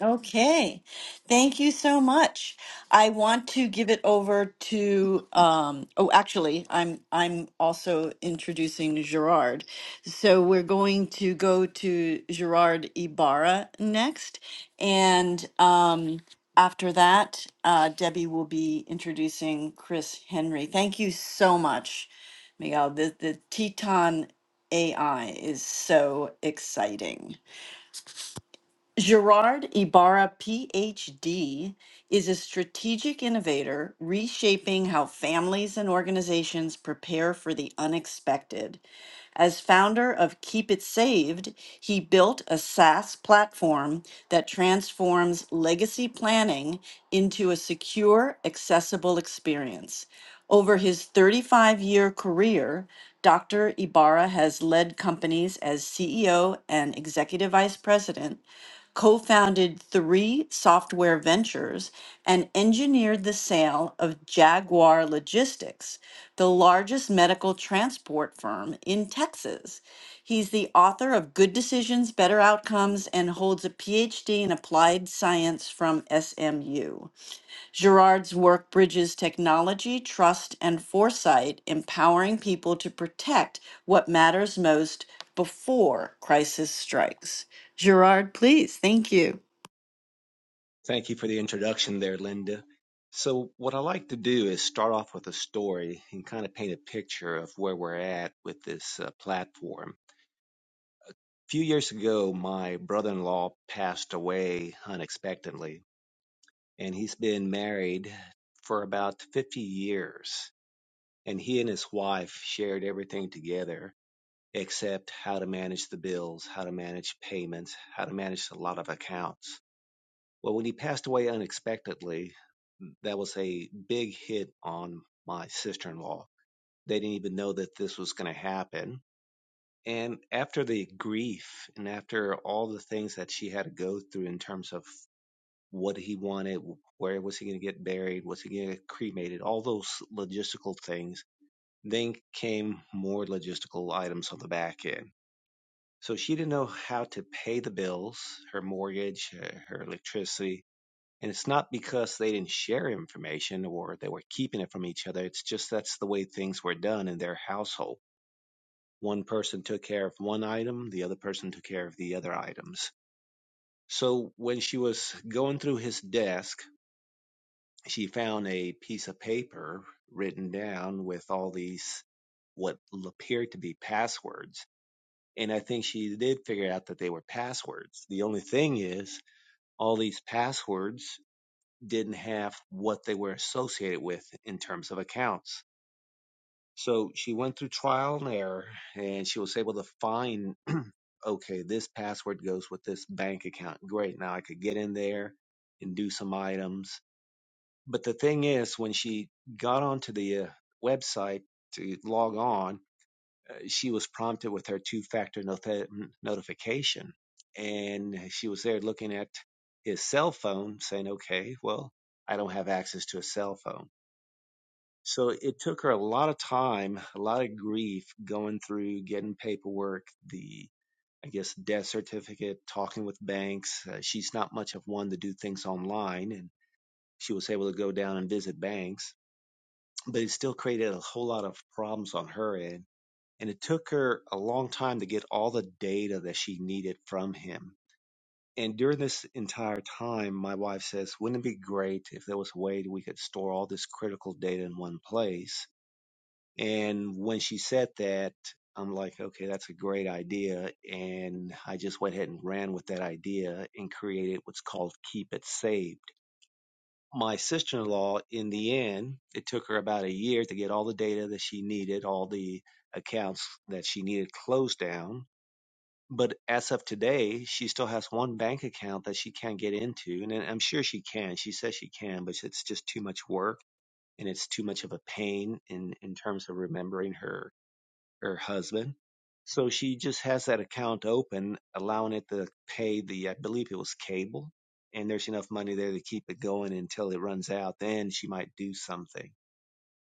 Speaker 1: Okay, thank you so much. I want to give it over to um, oh, actually, I'm I'm also introducing Gerard. So we're going to go to Gerard Ibarra next, and um, after that, uh, Debbie will be introducing Chris Henry. Thank you so much, Miguel. The the Teton AI is so exciting. Gerard Ibarra, PhD, is a strategic innovator reshaping how families and organizations prepare for the unexpected. As founder of Keep It Saved, he built a SaaS platform that transforms legacy planning into a secure, accessible experience. Over his 35 year career, Dr. Ibarra has led companies as CEO and Executive Vice President co founded three software ventures, and engineered the sale of Jaguar Logistics, the largest medical transport firm in Texas. He's the author of Good Decisions, Better Outcomes, and holds a PhD in applied science from SMU. Girard's work bridges technology, trust, and foresight, empowering people to protect what matters most before crisis strikes. Girard, please. Thank you.
Speaker 4: Thank you for the introduction there, Linda. So, what I like to do is start off with a story and kind of paint a picture of where we're at with this uh, platform. A few years ago, my brother in law passed away unexpectedly, and he's been married for about 50 years. And he and his wife shared everything together except how to manage the bills, how to manage payments, how to manage a lot of accounts. Well, when he passed away unexpectedly, that was a big hit on my sister in law. They didn't even know that this was going to happen. And after the grief and after all the things that she had to go through in terms of what he wanted, where was he going to get buried, was he going to get cremated, all those logistical things, then came more logistical items on the back end so she didn't know how to pay the bills, her mortgage, her, her electricity. And it's not because they didn't share information or they were keeping it from each other. It's just that's the way things were done in their household. One person took care of one item, the other person took care of the other items. So when she was going through his desk, she found a piece of paper written down with all these what appeared to be passwords And I think she did figure out that they were passwords. The only thing is, all these passwords didn't have what they were associated with in terms of accounts. So she went through trial and error and she was able to find, okay, this password goes with this bank account. Great. Now I could get in there and do some items. But the thing is, when she got onto the uh, website to log on, she was prompted with her two factor notification. And she was there looking at his cell phone, saying, okay, well, I don't have access to a cell phone. So it took her a lot of time, a lot of grief going through getting paperwork, the, I guess, death certificate, talking with banks. Uh, she's not much of one to do things online, and she was able to go down and visit banks, but it still created a whole lot of problems on her end and it took her a long time to get all the data that she needed from him. And during this entire time, my wife says, wouldn't it be great if there was a way we could store all this critical data in one place? And when she said that, I'm like, okay, that's a great idea. And I just went ahead and ran with that idea and created what's called Keep It Saved. My sister in law, in the end, it took her about a year to get all the data that she needed, all the accounts that she needed closed down but as of today, she still has one bank account that she can't get into, and I'm sure she can. She says she can, but it's just too much work and it's too much of a pain in in terms of remembering her her husband. So she just has that account open, allowing it to pay the I believe it was cable, and there's enough money there to keep it going until it runs out. Then she might do something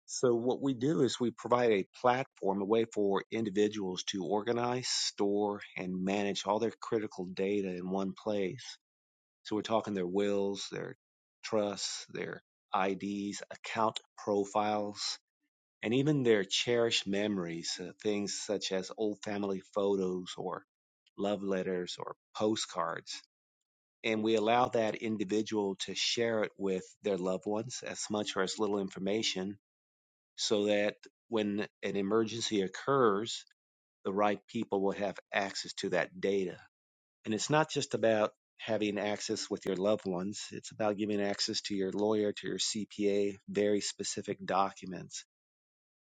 Speaker 4: so what we do is we provide a platform, a way for individuals to organize, store, and manage all their critical data in one place. So we're talking their wills, their trusts, their IDs, account profiles, and even their cherished memories, uh, things such as old family photos or love letters or postcards. And we allow that individual to share it with their loved ones as much or as little information so that when an emergency occurs, the right people will have access to that data. And it's not just about having access with your loved ones, it's about giving access to your lawyer, to your CPA, very specific documents.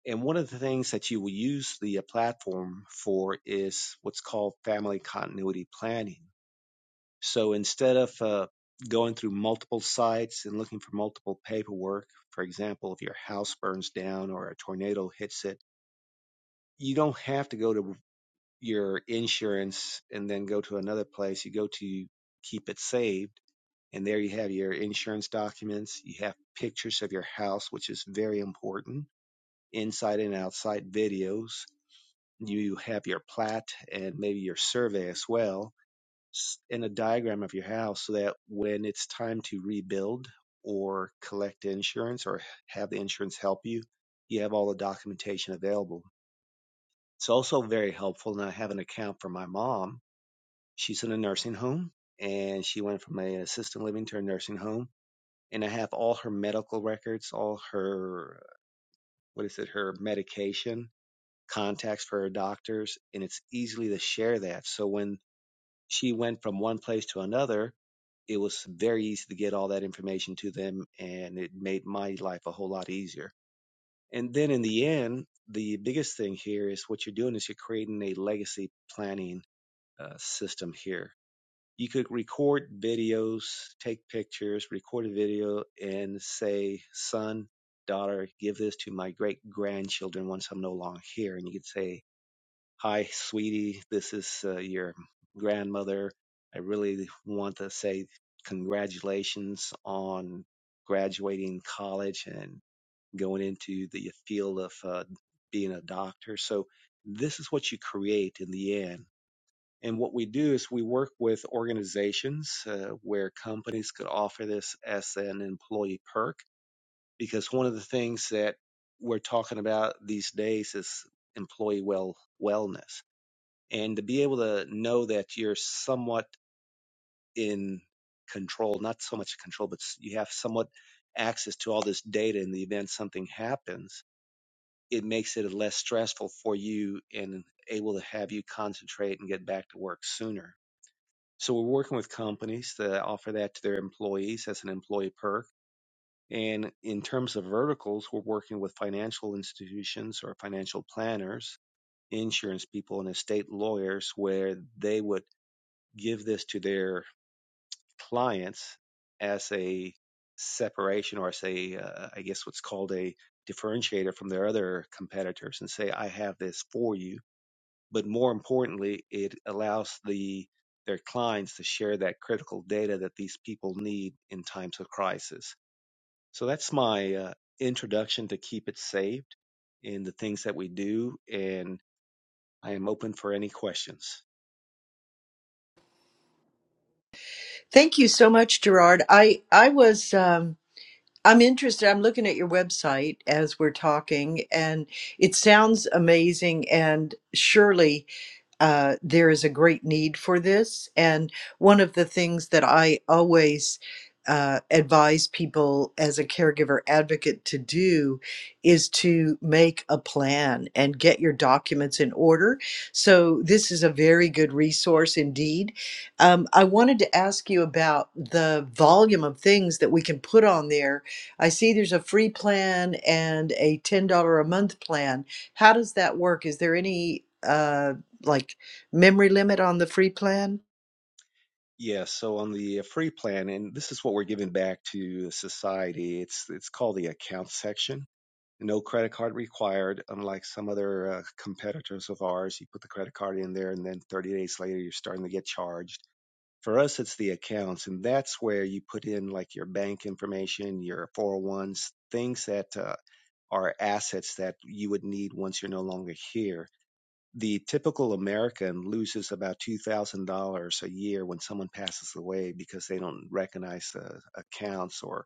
Speaker 4: And one of the things that you will use the uh, platform for is what's called family continuity planning. So instead of uh, going through multiple sites and looking for multiple paperwork, for example, if your house burns down or a tornado hits it, you don't have to go to your insurance and then go to another place. You go to keep it saved, and there you have your insurance documents. You have pictures of your house, which is very important, inside and outside videos. You have your plat and maybe your survey as well, and a diagram of your house so that when it's time to rebuild or collect insurance or have the insurance help you, you have all the documentation available it's also very helpful, and I have an account for my mom. She's in a nursing home, and she went from an assisted living to a nursing home. And I have all her medical records, all her what is it, her medication, contacts for her doctors, and it's easily to share that. So when she went from one place to another, it was very easy to get all that information to them, and it made my life a whole lot easier. And then in the end, the biggest thing here is what you're doing is you're creating a legacy planning uh, system here. You could record videos, take pictures, record a video, and say, son, daughter, give this to my great grandchildren once I'm no longer here. And you could say, hi, sweetie, this is uh, your grandmother. I really want to say congratulations on graduating college and going into the field of uh, being a doctor. So, this is what you create in the end and what we do is we work with organizations uh, where companies could offer this as an employee perk because one of the things that we're talking about these days is employee well wellness. And to be able to know that you're somewhat in control, not so much control, but you have somewhat access to all this data in the event something happens, it makes it less stressful for you and able to have you concentrate and get back to work sooner so we're working with companies that offer that to their employees as an employee perk. And in terms of verticals, we're working with financial institutions or financial planners, insurance people, and estate lawyers where they would give this to their clients as a separation or as a, uh, I guess what's called a differentiator from their other competitors and say, I have this for you but more importantly, it allows the their clients to share that critical data that these people need in times of crisis. So that's my uh, introduction to keep it saved in the things that we do, and I am open for any questions.
Speaker 2: Thank you so much, Gerard. I, I was. Um, I'm interested. I'm looking at your website as we're talking, and it sounds amazing. And surely uh, there is a great need for this. And one of the things that I always uh, advise people as a caregiver advocate to do is to make a plan and get your documents in order. So, this is a very good resource indeed. Um, I wanted to ask you about the volume of things that we can put on there. I see there's a free plan and a $10 a month plan. How does that work? Is there any? Uh, like memory limit on the free plan?
Speaker 4: Yes, so on the uh, free plan, and this is what we're giving back to society. It's it's called the account section. No credit card required, unlike some other uh, competitors of ours. You put the credit card in there, and then 30 days later, you're starting to get charged For us, it's the accounts, and that's where you put in like your bank information, your 401s, things that uh, are assets that you would need once you're no longer here. The typical American loses about $2,000 a year when someone passes away because they don't recognize the accounts or,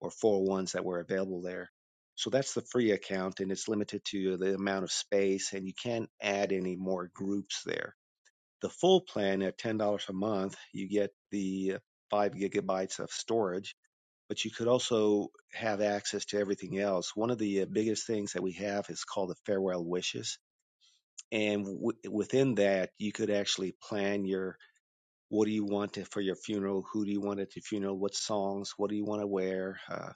Speaker 4: or 401s that were available there. So that's the free account, and it's limited to the amount of space, and you can't add any more groups there the full plan at $10 a month, you get the five gigabytes of storage, but you could also have access to everything else. One of the uh, biggest things that we have is called the farewell wishes. And w- within that, you could actually plan your what do you want to, for your funeral? Who do you want at your funeral? What songs? What do you want to wear? Uh,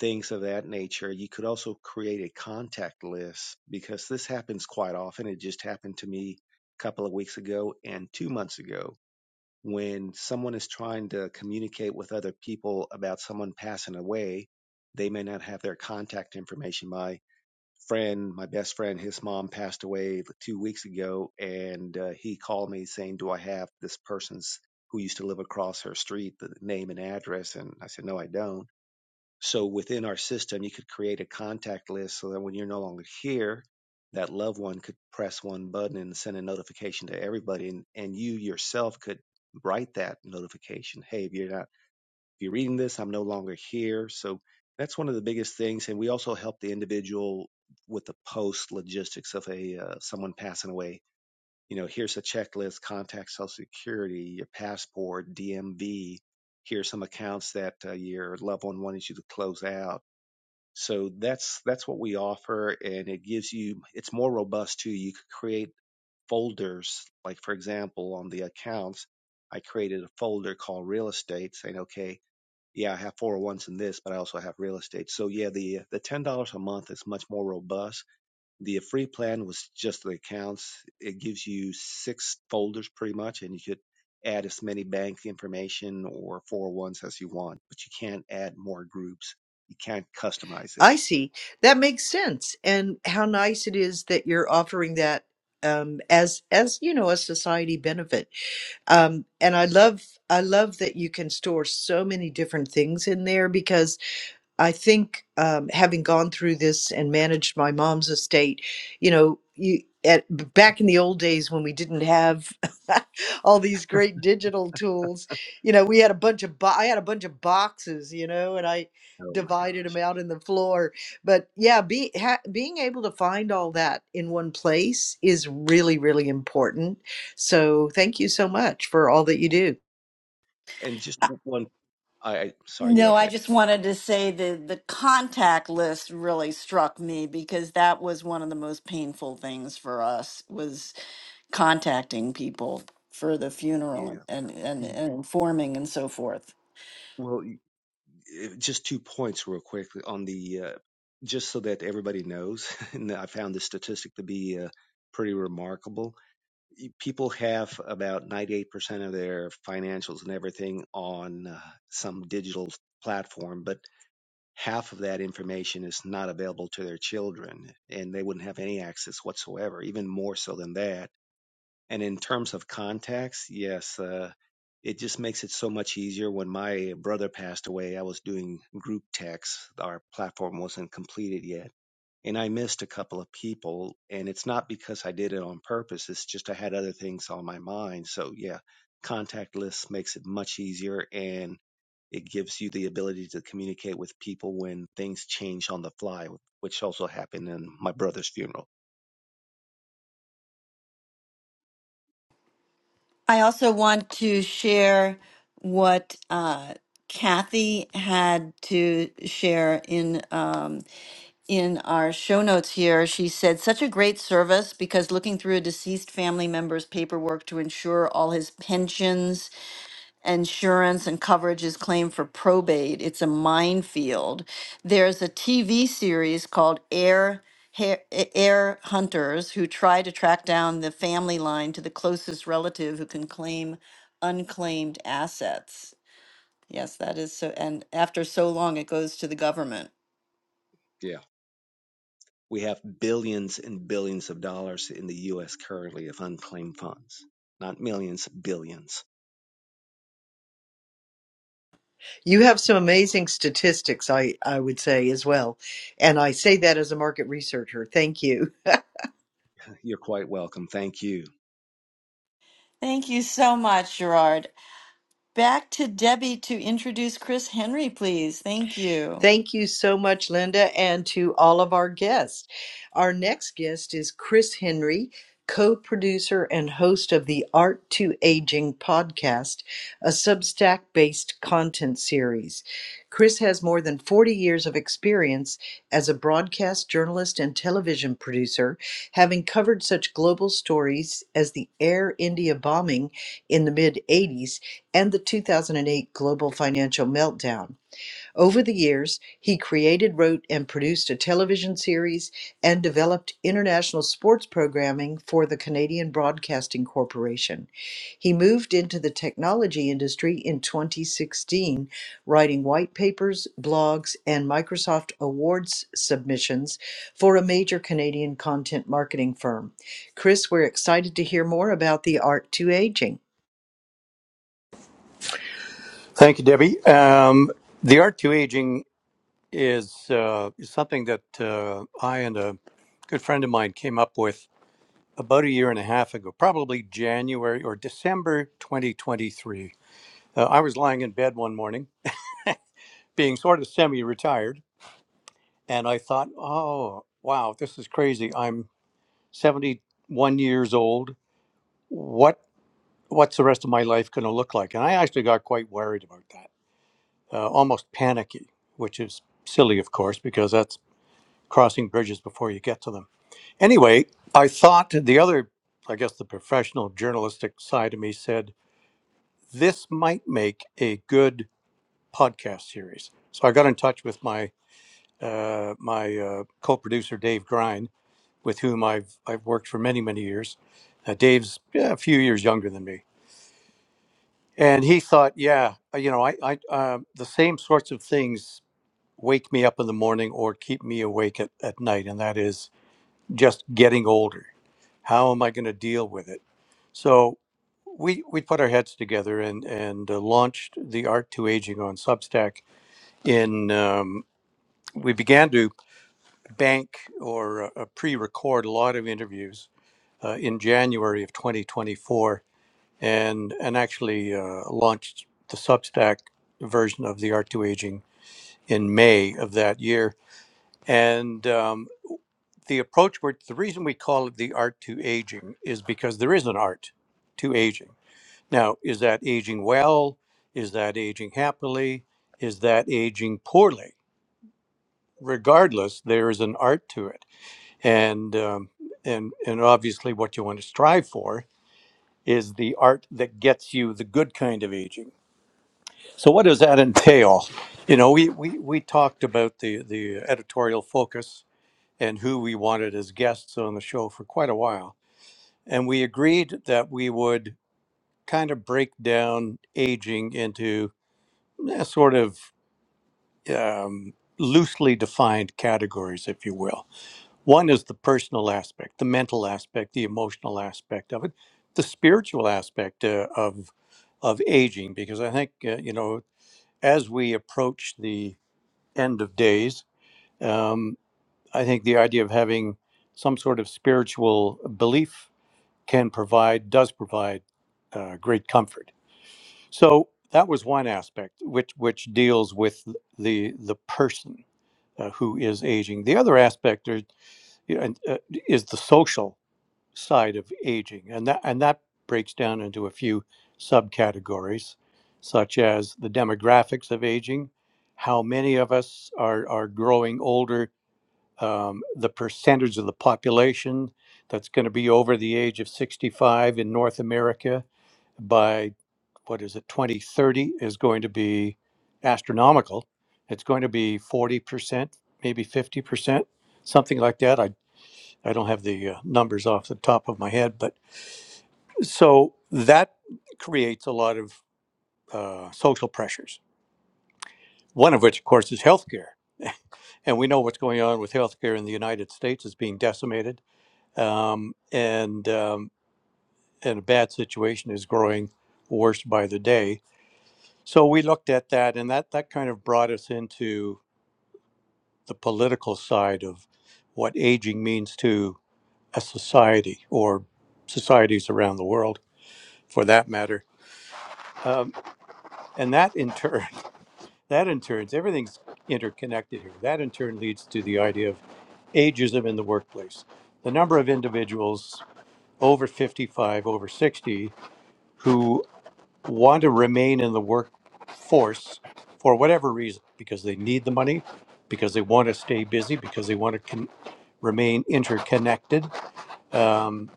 Speaker 4: things of that nature. You could also create a contact list because this happens quite often. It just happened to me a couple of weeks ago and two months ago when someone is trying to communicate with other people about someone passing away, they may not have their contact information. My friend, my best friend, his mom passed away two weeks ago, and uh, he called me saying, Do I have this person's who used to live across her street, the name and address? And I said, No, I don't so within our system, you could create a contact list so that when you're no longer here, that loved one could press one button and send a notification to everybody, and, and you yourself could write that notification. Hey, if you're not if you're reading this, I'm no longer here. So that's one of the biggest things, and we also help the individual with the post logistics of a uh, someone passing away. You know, here's a checklist: contact Social Security, your passport, DMV. Here's some accounts that uh, your loved one wanted you to close out so that's that's what we offer, and it gives you it's more robust too. You could create folders, like for example, on the accounts, I created a folder called real estate, saying, okay, yeah, I have 401s in this, but I also have real estate. So yeah, the the ten dollars a month is much more robust. The free plan was just the accounts. It gives you six folders pretty much, and you could add as many bank information or 401s as you want, but you can't add more groups. You can't customize it.
Speaker 2: I see. That makes sense. And how nice it is that you're offering that um, as as you know a society benefit. Um, and I love I love that you can store so many different things in there because. I think um, having gone through this and managed my mom's estate, you know, you at back in the old days when we didn't have all these great digital tools, you know, we had a bunch of bo- I had a bunch of boxes, you know, and I
Speaker 4: Oh my
Speaker 2: divided them
Speaker 4: gosh.
Speaker 2: out in the floor. But yeah, be, ha- being able to find all that in one place is really really important. So thank you so much for all that you do.
Speaker 4: And just one, I, I sorry, go
Speaker 1: No, I
Speaker 4: ahead.
Speaker 1: just wanted to say the the contact list really struck me because that was one of the most painful things for us was contacting people for the funeral
Speaker 4: Yeah.
Speaker 1: and and, and
Speaker 4: Y-
Speaker 1: informing and so forth.
Speaker 4: Well, y- eh, just two points real quickly on the, uh, just so that everybody knows, and I found this statistic to be uh, pretty remarkable. People have about 98% of their financials and everything on uh, some digital platform, but half of that information is not available to their children, and they wouldn't have any access whatsoever, even more so than that And in terms of contacts, yes, uh, it just makes it so much easier. When my brother passed away, I was doing group texts. Our platform wasn't completed yet. And I missed a couple of people. And it's not because I did it on purpose, it's just I had other things on my mind. So, yeah, contact lists makes it much easier. And it gives you the ability to communicate with people when things change on the fly, which also happened in my brother's funeral.
Speaker 1: I also want to share what uh, Kathy had to share in um, in our show notes here. She said, "Such a great service because looking through a deceased family member's paperwork to ensure all his pensions." insurance and coverage is claimed for probate. It's a minefield. There's a TV series called Air Hair- Air Hunters who try to track down the family line to the closest relative who can claim unclaimed assets. Yes, that is so. And after so long, it goes to the government.
Speaker 4: Yeah. We have billions and billions of dollars in the U.S. currently of unclaimed funds, not millions, billions.
Speaker 2: You have some amazing statistics, I, I would say as well. And I say that as a market researcher. Thank you.
Speaker 4: You're quite welcome. Thank you.
Speaker 1: Thank you so much, Gerard. Back to Debbie to introduce Chris Henry, please. Thank you.
Speaker 2: Thank you so much, Linda, and to all of our guests. Our next guest is Chris Henry, co producer and host of the Art to Aging podcast, a Substack based content series. Chris has more than 40 years of experience as a broadcast journalist and television producer, having covered such global stories as the Air India bombing in the mid 80s and the 2008 global financial meltdown. Over the years, he created, wrote, and produced a television series and developed international sports programming for the Canadian Broadcasting Corporation. He moved into the technology industry in 2016, writing white papers, blogs, and Microsoft Awards submissions for a major Canadian content marketing firm. Chris, we're excited to hear more about the art to aging.
Speaker 3: Thank you, Debbie. Um, the Art to Aging is, uh, is something that uh, I and a good friend of mine came up with about a year and a half ago, probably January or December 2023. Uh, I was lying in bed one morning, being sort of semi retired And I thought, oh, wow, this is crazy. I'm 71 years old. What what's the rest of my life going to look like? And I actually got quite worried about that, uh, almost panicky, which is silly, of course, because that's crossing bridges before you get to them. Anyway, I thought the other, I guess, the professional journalistic side of me said this might make a good podcast series. So I got in touch with my uh, my uh, co-producer Dave Grimes with whom I've I've worked for many many years. Uh, Dave's yeah, a few years younger than me, and he thought, yeah, uh, you know, I I uh, the same sorts of things wake me up in the morning or keep me awake at, at night, and that is just getting older. How am I going to deal with it? So. We, we put our heads together and, and uh, launched the Art to Aging on Substack. In um, we began to bank or uh, pre-record a lot of interviews uh, in January of 2024 and, and actually uh, launched the Substack version of the Art to Aging in May of that year. And um, the approach, we the reason we call it the Art to Aging is because there is an art to aging. Now, is that aging well? Is that aging happily? Is that aging poorly? Regardless, there is an art to it. And, um, and, and obviously, what you want to strive for is the art that gets you the good kind of aging. So what does that entail? You know, we we, we talked about the the editorial focus and who we wanted as guests on the show for quite a while. And we agreed that we would kind of break down aging into eh, sort of um, loosely defined categories, if you will One is the personal aspect, the mental aspect, the emotional aspect of it, the spiritual aspect uh, of of aging, because I think uh, you know as we approach the end of days, um, I think the idea of having some sort of spiritual belief can provide does provide uh, great comfort. So that was one aspect which which deals with the the person uh, who is aging. The other aspect are, you know, and, uh, is the social side of aging, and that and that breaks down into a few subcategories, such as the demographics of aging, how many of us are are growing older, um, the percentage of the population that's going to be over the age of 65 in North America by what is it 2030 is going to be astronomical. It's going to be 40 percent, maybe 50 percent, something like that. I I don't have the uh, numbers off the top of my head, but so that creates a lot of uh, social pressures. One of which, of course, is healthcare. And we know what's going on with healthcare in the United States is being decimated, um, and um, and a bad situation is growing worse by the day. So we looked at that, and that that kind of brought us into the political side of what aging means to a society or societies around the world, for that matter. Um, and that in turn that in turn, everything's interconnected here. That in turn leads to the idea of ageism in the workplace. The number of individuals over 55, over 60 who want to remain in the workforce for whatever reason, because they need the money, because they want to stay busy, because they want to con- remain interconnected, um,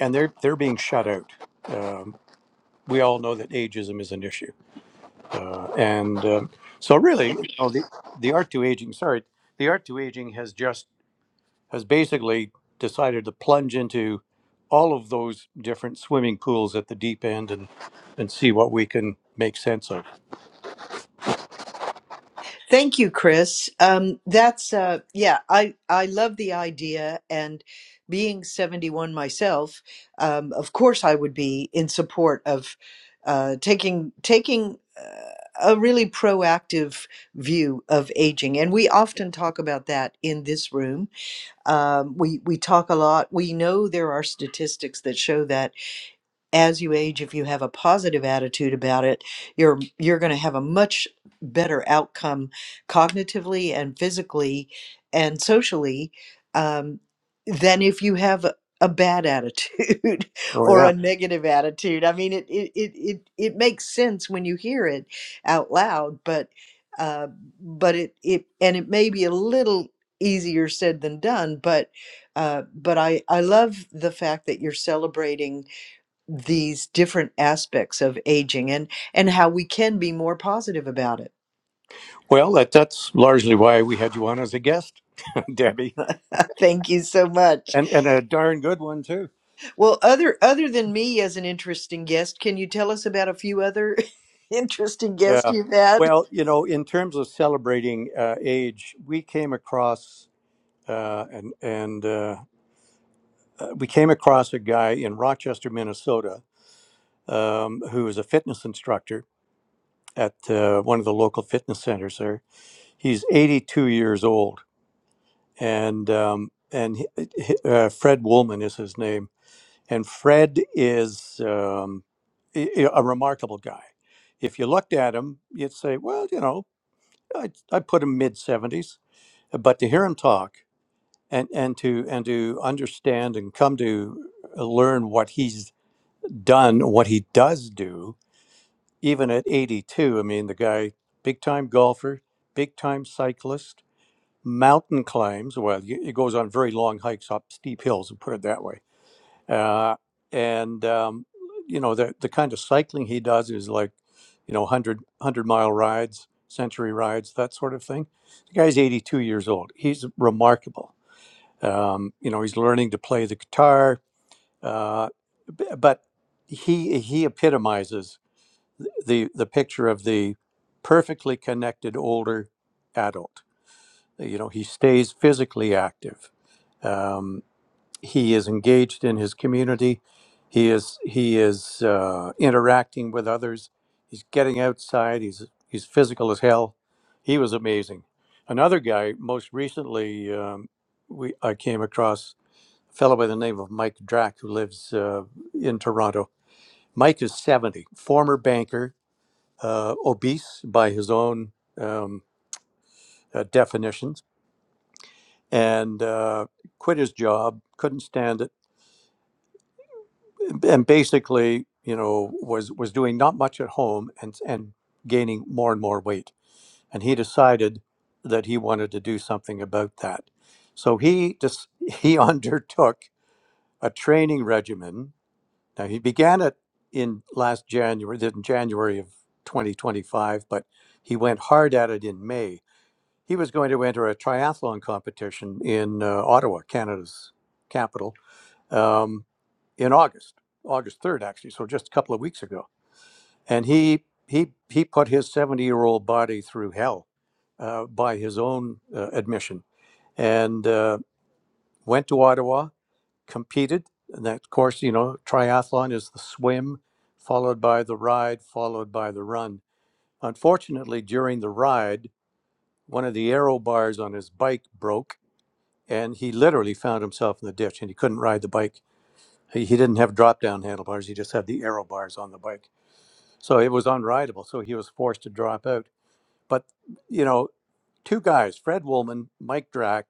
Speaker 3: and they're they're being shut out. Um, we all know that ageism is an issue. Uh, and um so really you know, the, the art to aging sorry the art to aging has just has basically decided to plunge into all of those different swimming pools at the deep end and and see what we can make sense of
Speaker 2: Thank you, Chris. Um, that's uh, yeah. I I love the idea, and being seventy one myself, um, of course, I would be in support of uh, taking taking uh, a really proactive view of aging, and we often talk about that in this room. Um, we we talk a lot. We know there are statistics that show that as you age if you have a positive attitude about it you're you're going to have a much better outcome cognitively and physically and socially um, than if you have a a bad attitude
Speaker 3: oh
Speaker 2: or
Speaker 3: yeah
Speaker 2: a negative attitude i mean it it, it it it makes sense when you hear it out loud but uh, but it it and it may be a little easier said than done but uh, but i i love the fact that you're celebrating these different aspects of aging and and how we can be more positive about it.
Speaker 3: well that that's largely why we had you on as a guest debbie
Speaker 2: Thank you so much.
Speaker 3: and and a darn good one too
Speaker 2: Well, other other than me as an interesting guest, can you tell us about a few other interesting guests
Speaker 3: yeah
Speaker 2: you've had?
Speaker 3: well you know in terms of celebrating uh, age we came across uh, and and uh, uh, we came across a guy in Rochester, Minnesota, um, who is a fitness instructor at uh, one of the local fitness centers there. He's 82 years old, and um, and he, uh, he- uh, Fred Woolman is his name, and Fred is um, i- i- a remarkable guy. If you looked at him, you'd say, well, you know, I I put him mid 70s, but to hear him talk and and to and to understand and come to learn what he's done what he does do, even at 82. I mean, the guy, big time golfer, big time cyclist, mountain climbs. Well, y- he goes on very long hikes up steep hills, and put it that way. Uh, and, um, you know, the, the kind of cycling he does is like, you know, 100, mile rides, century rides, that sort of thing. The guy's 82 years old. He's remarkable. Um, you know, he's learning to play the guitar, uh, b- but he he epitomizes the the picture of the perfectly connected older adult. You know, he stays physically active. Um, he is engaged in his community. He is he is uh, interacting with others. He's getting outside. He's he's physical as hell. He was amazing. Another guy, most recently, um, we I came across a fellow by the name of Mike Drack who lives uh, in Toronto. Mike is 70, former banker, uh, obese by his own um, uh, definitions and uh, quit his job, couldn't stand it, and basically, you know, was was doing not much at home and and gaining more and more weight. And he decided that he wanted to do something about that. So he just he undertook a training regimen. Now he began it in last January, in January of 2025, but he went hard at it in May He was going to enter a triathlon competition in uh, Ottawa, Canada's capital, um, in August, August 3rd, actually, so just a couple of weeks ago. And he, he, he put his 70 year old body through hell uh, by his own uh, admission and uh, went to Ottawa, competed. And that course, you know, triathlon is the swim, followed by the ride, followed by the run. Unfortunately, during the ride, one of the aero bars on his bike broke and he literally found himself in the ditch and he couldn't ride the bike he, he didn't have drop down handlebars he just had the aero bars on the bike so it was unrideable so he was forced to drop out but you know two guys fred woolman mike drack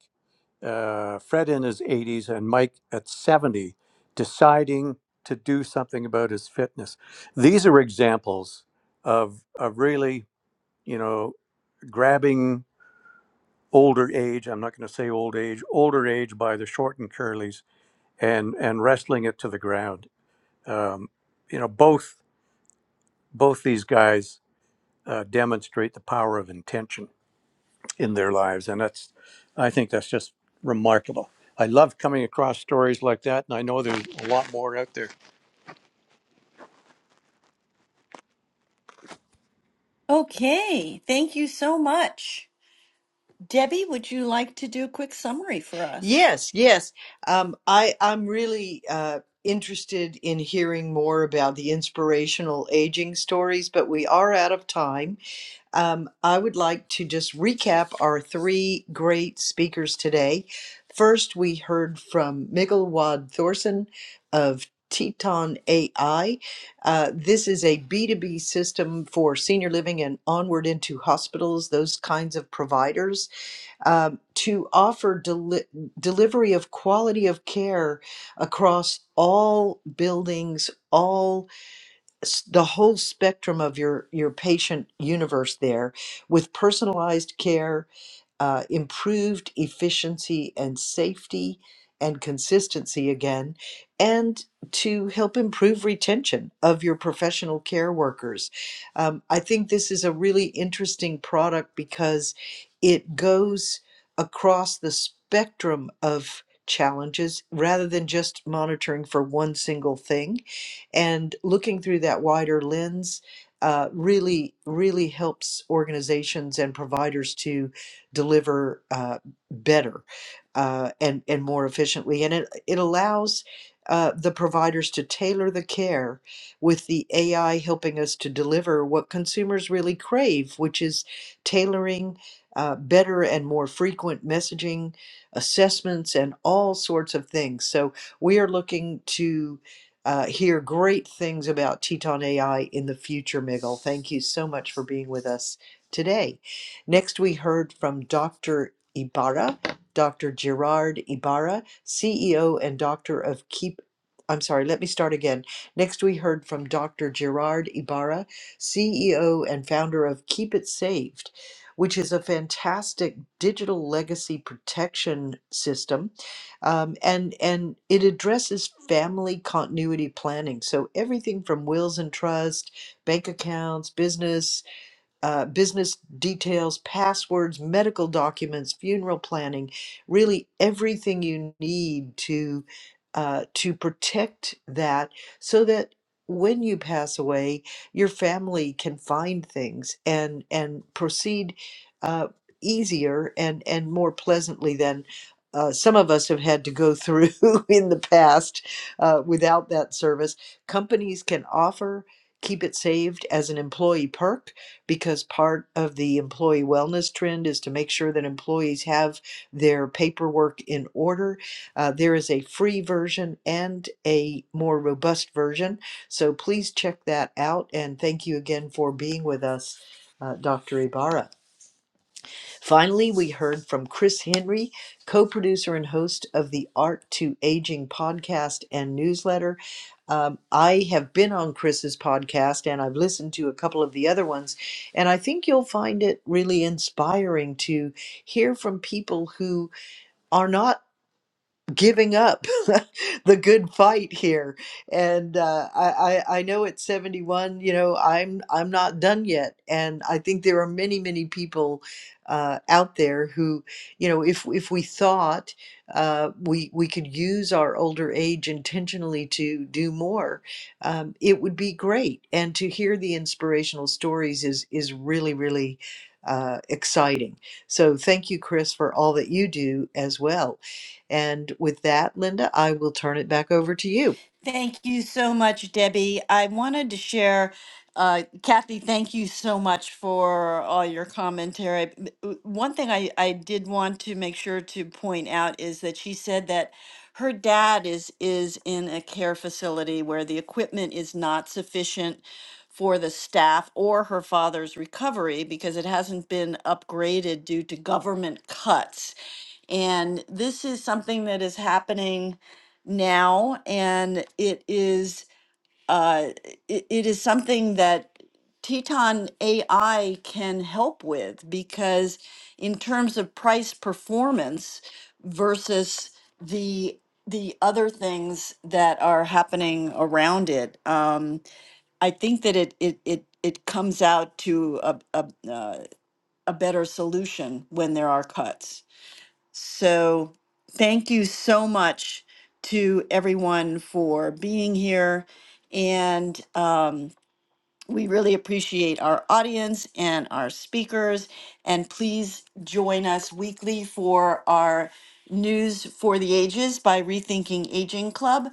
Speaker 3: uh, fred in his 80s and mike at 70 deciding to do something about his fitness these are examples of, of really you know grabbing older age i'm not going to say old age older age by the short and curlies and and wrestling it to the ground. Um, you know, both both these guys uh, demonstrate the power of intention in their lives, and that's I think that's just remarkable. I love coming across stories like that, and I know there's a lot more out there.
Speaker 1: Okay, thank you so much. Debbie, would you like to do a quick summary for us?
Speaker 2: Yes, yes. Um, I I'm really uh, interested in hearing more about the inspirational aging stories, but we are out of time. Um, I would like to just recap our three great speakers today. First, we heard from Miguel Wad Thorson of Teton AI. Uh, this is a B2B system for senior living and onward into hospitals, those kinds of providers, um, to offer deli- delivery of quality of care across all buildings, all s- the whole spectrum of your your patient universe there with personalized care uh, improved efficiency and safety and consistency again and to help improve retention of your professional care workers um, i think this is a really interesting product because it goes across the spectrum of challenges rather than just monitoring for one single thing and looking through that wider lens uh, really, really helps organizations and providers to deliver uh, better uh, and, and more efficiently. And it, it allows uh, the providers to tailor the care with the AI helping us to deliver what consumers really crave, which is tailoring uh, better and more frequent messaging, assessments, and all sorts of things. So we are looking to uh, hear great things about Teton AI in the future, Miguel. Thank you so much for being with us today. Next, we heard from Dr. Ibarra, Dr. Gerard Ibarra, CEO and Doctor of Keep. I'm sorry, let me start again. Next, we heard from Dr. Gerard Ibarra, CEO and founder of Keep It Saved, which is a fantastic digital legacy protection system um, and and it addresses family continuity planning. So everything from wills and trust, bank accounts, business uh, business details, passwords, medical documents, funeral planning, really everything you need to uh, to protect that so that when you pass away, your family can find things and and proceed uh, easier and and more pleasantly than uh, some of us have had to go through in the past uh, without that service. Companies can offer keep it saved as an employee perk because part of the employee wellness trend is to make sure that employees have their paperwork in order. Uh, there is a free version and a more robust version. So please check that out. And thank you again for being with us, uh, Dr. Ibarra. Finally, we heard from Chris Henry, co producer and host of the Art to Aging podcast and newsletter. Um, I have been on Chris's podcast and I've listened to a couple of the other ones, and I think you'll find it really inspiring to hear from people who are not giving up the good fight here and uh, I, I i know at 71 you know i'm i'm not done yet and i think there are many many people uh, out there who you know if if we thought uh, we we could use our older age intentionally to do more um, it would be great and to hear the inspirational stories is is really really uh, exciting so thank you chris for all that you do as well and with that, Linda, I will turn it back over to you.
Speaker 1: Thank you so much, Debbie. I wanted to share, uh, Kathy, thank you so much for all your commentary. B- w- One thing I, I did want to make sure to point out is that she said that her dad is is in a care facility where the equipment is not sufficient for the staff or her father's recovery because it hasn't been upgraded due to government cuts. And this is something that is happening now, and it is uh, it, it is something that Teton AI can help with because in terms of price performance versus the the other things that are happening around it, um, I think that it it it it comes out to a a, uh, a better solution when there are cuts. So, thank you so much to everyone for being here. And um, we really appreciate our audience and our speakers. And please join us weekly for our News for the Ages by Rethinking Aging Club.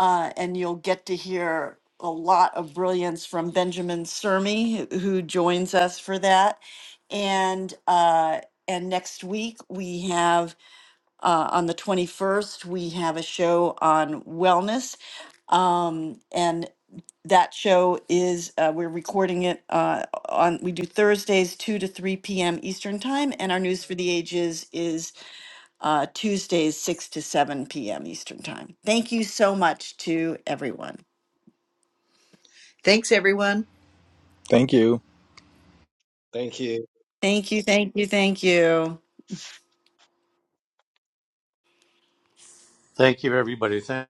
Speaker 1: Uh, and you'll get to hear a lot of brilliance from Benjamin Sermi, who who joins us for that. And uh, and next week we have uh, on the 21st, we have a show on wellness. Um, and that show is, uh, we're recording it uh, on, we do Thursdays, 2 to 3 p.m. Eastern Time. And our News for the Ages is uh, Tuesdays, 6 to 7 p.m. Eastern Time. Thank you so much to everyone.
Speaker 2: Thanks, everyone.
Speaker 5: Thank you.
Speaker 4: Thank you.
Speaker 1: Thank you, thank you, thank you.
Speaker 3: Thank you, everybody. Thank.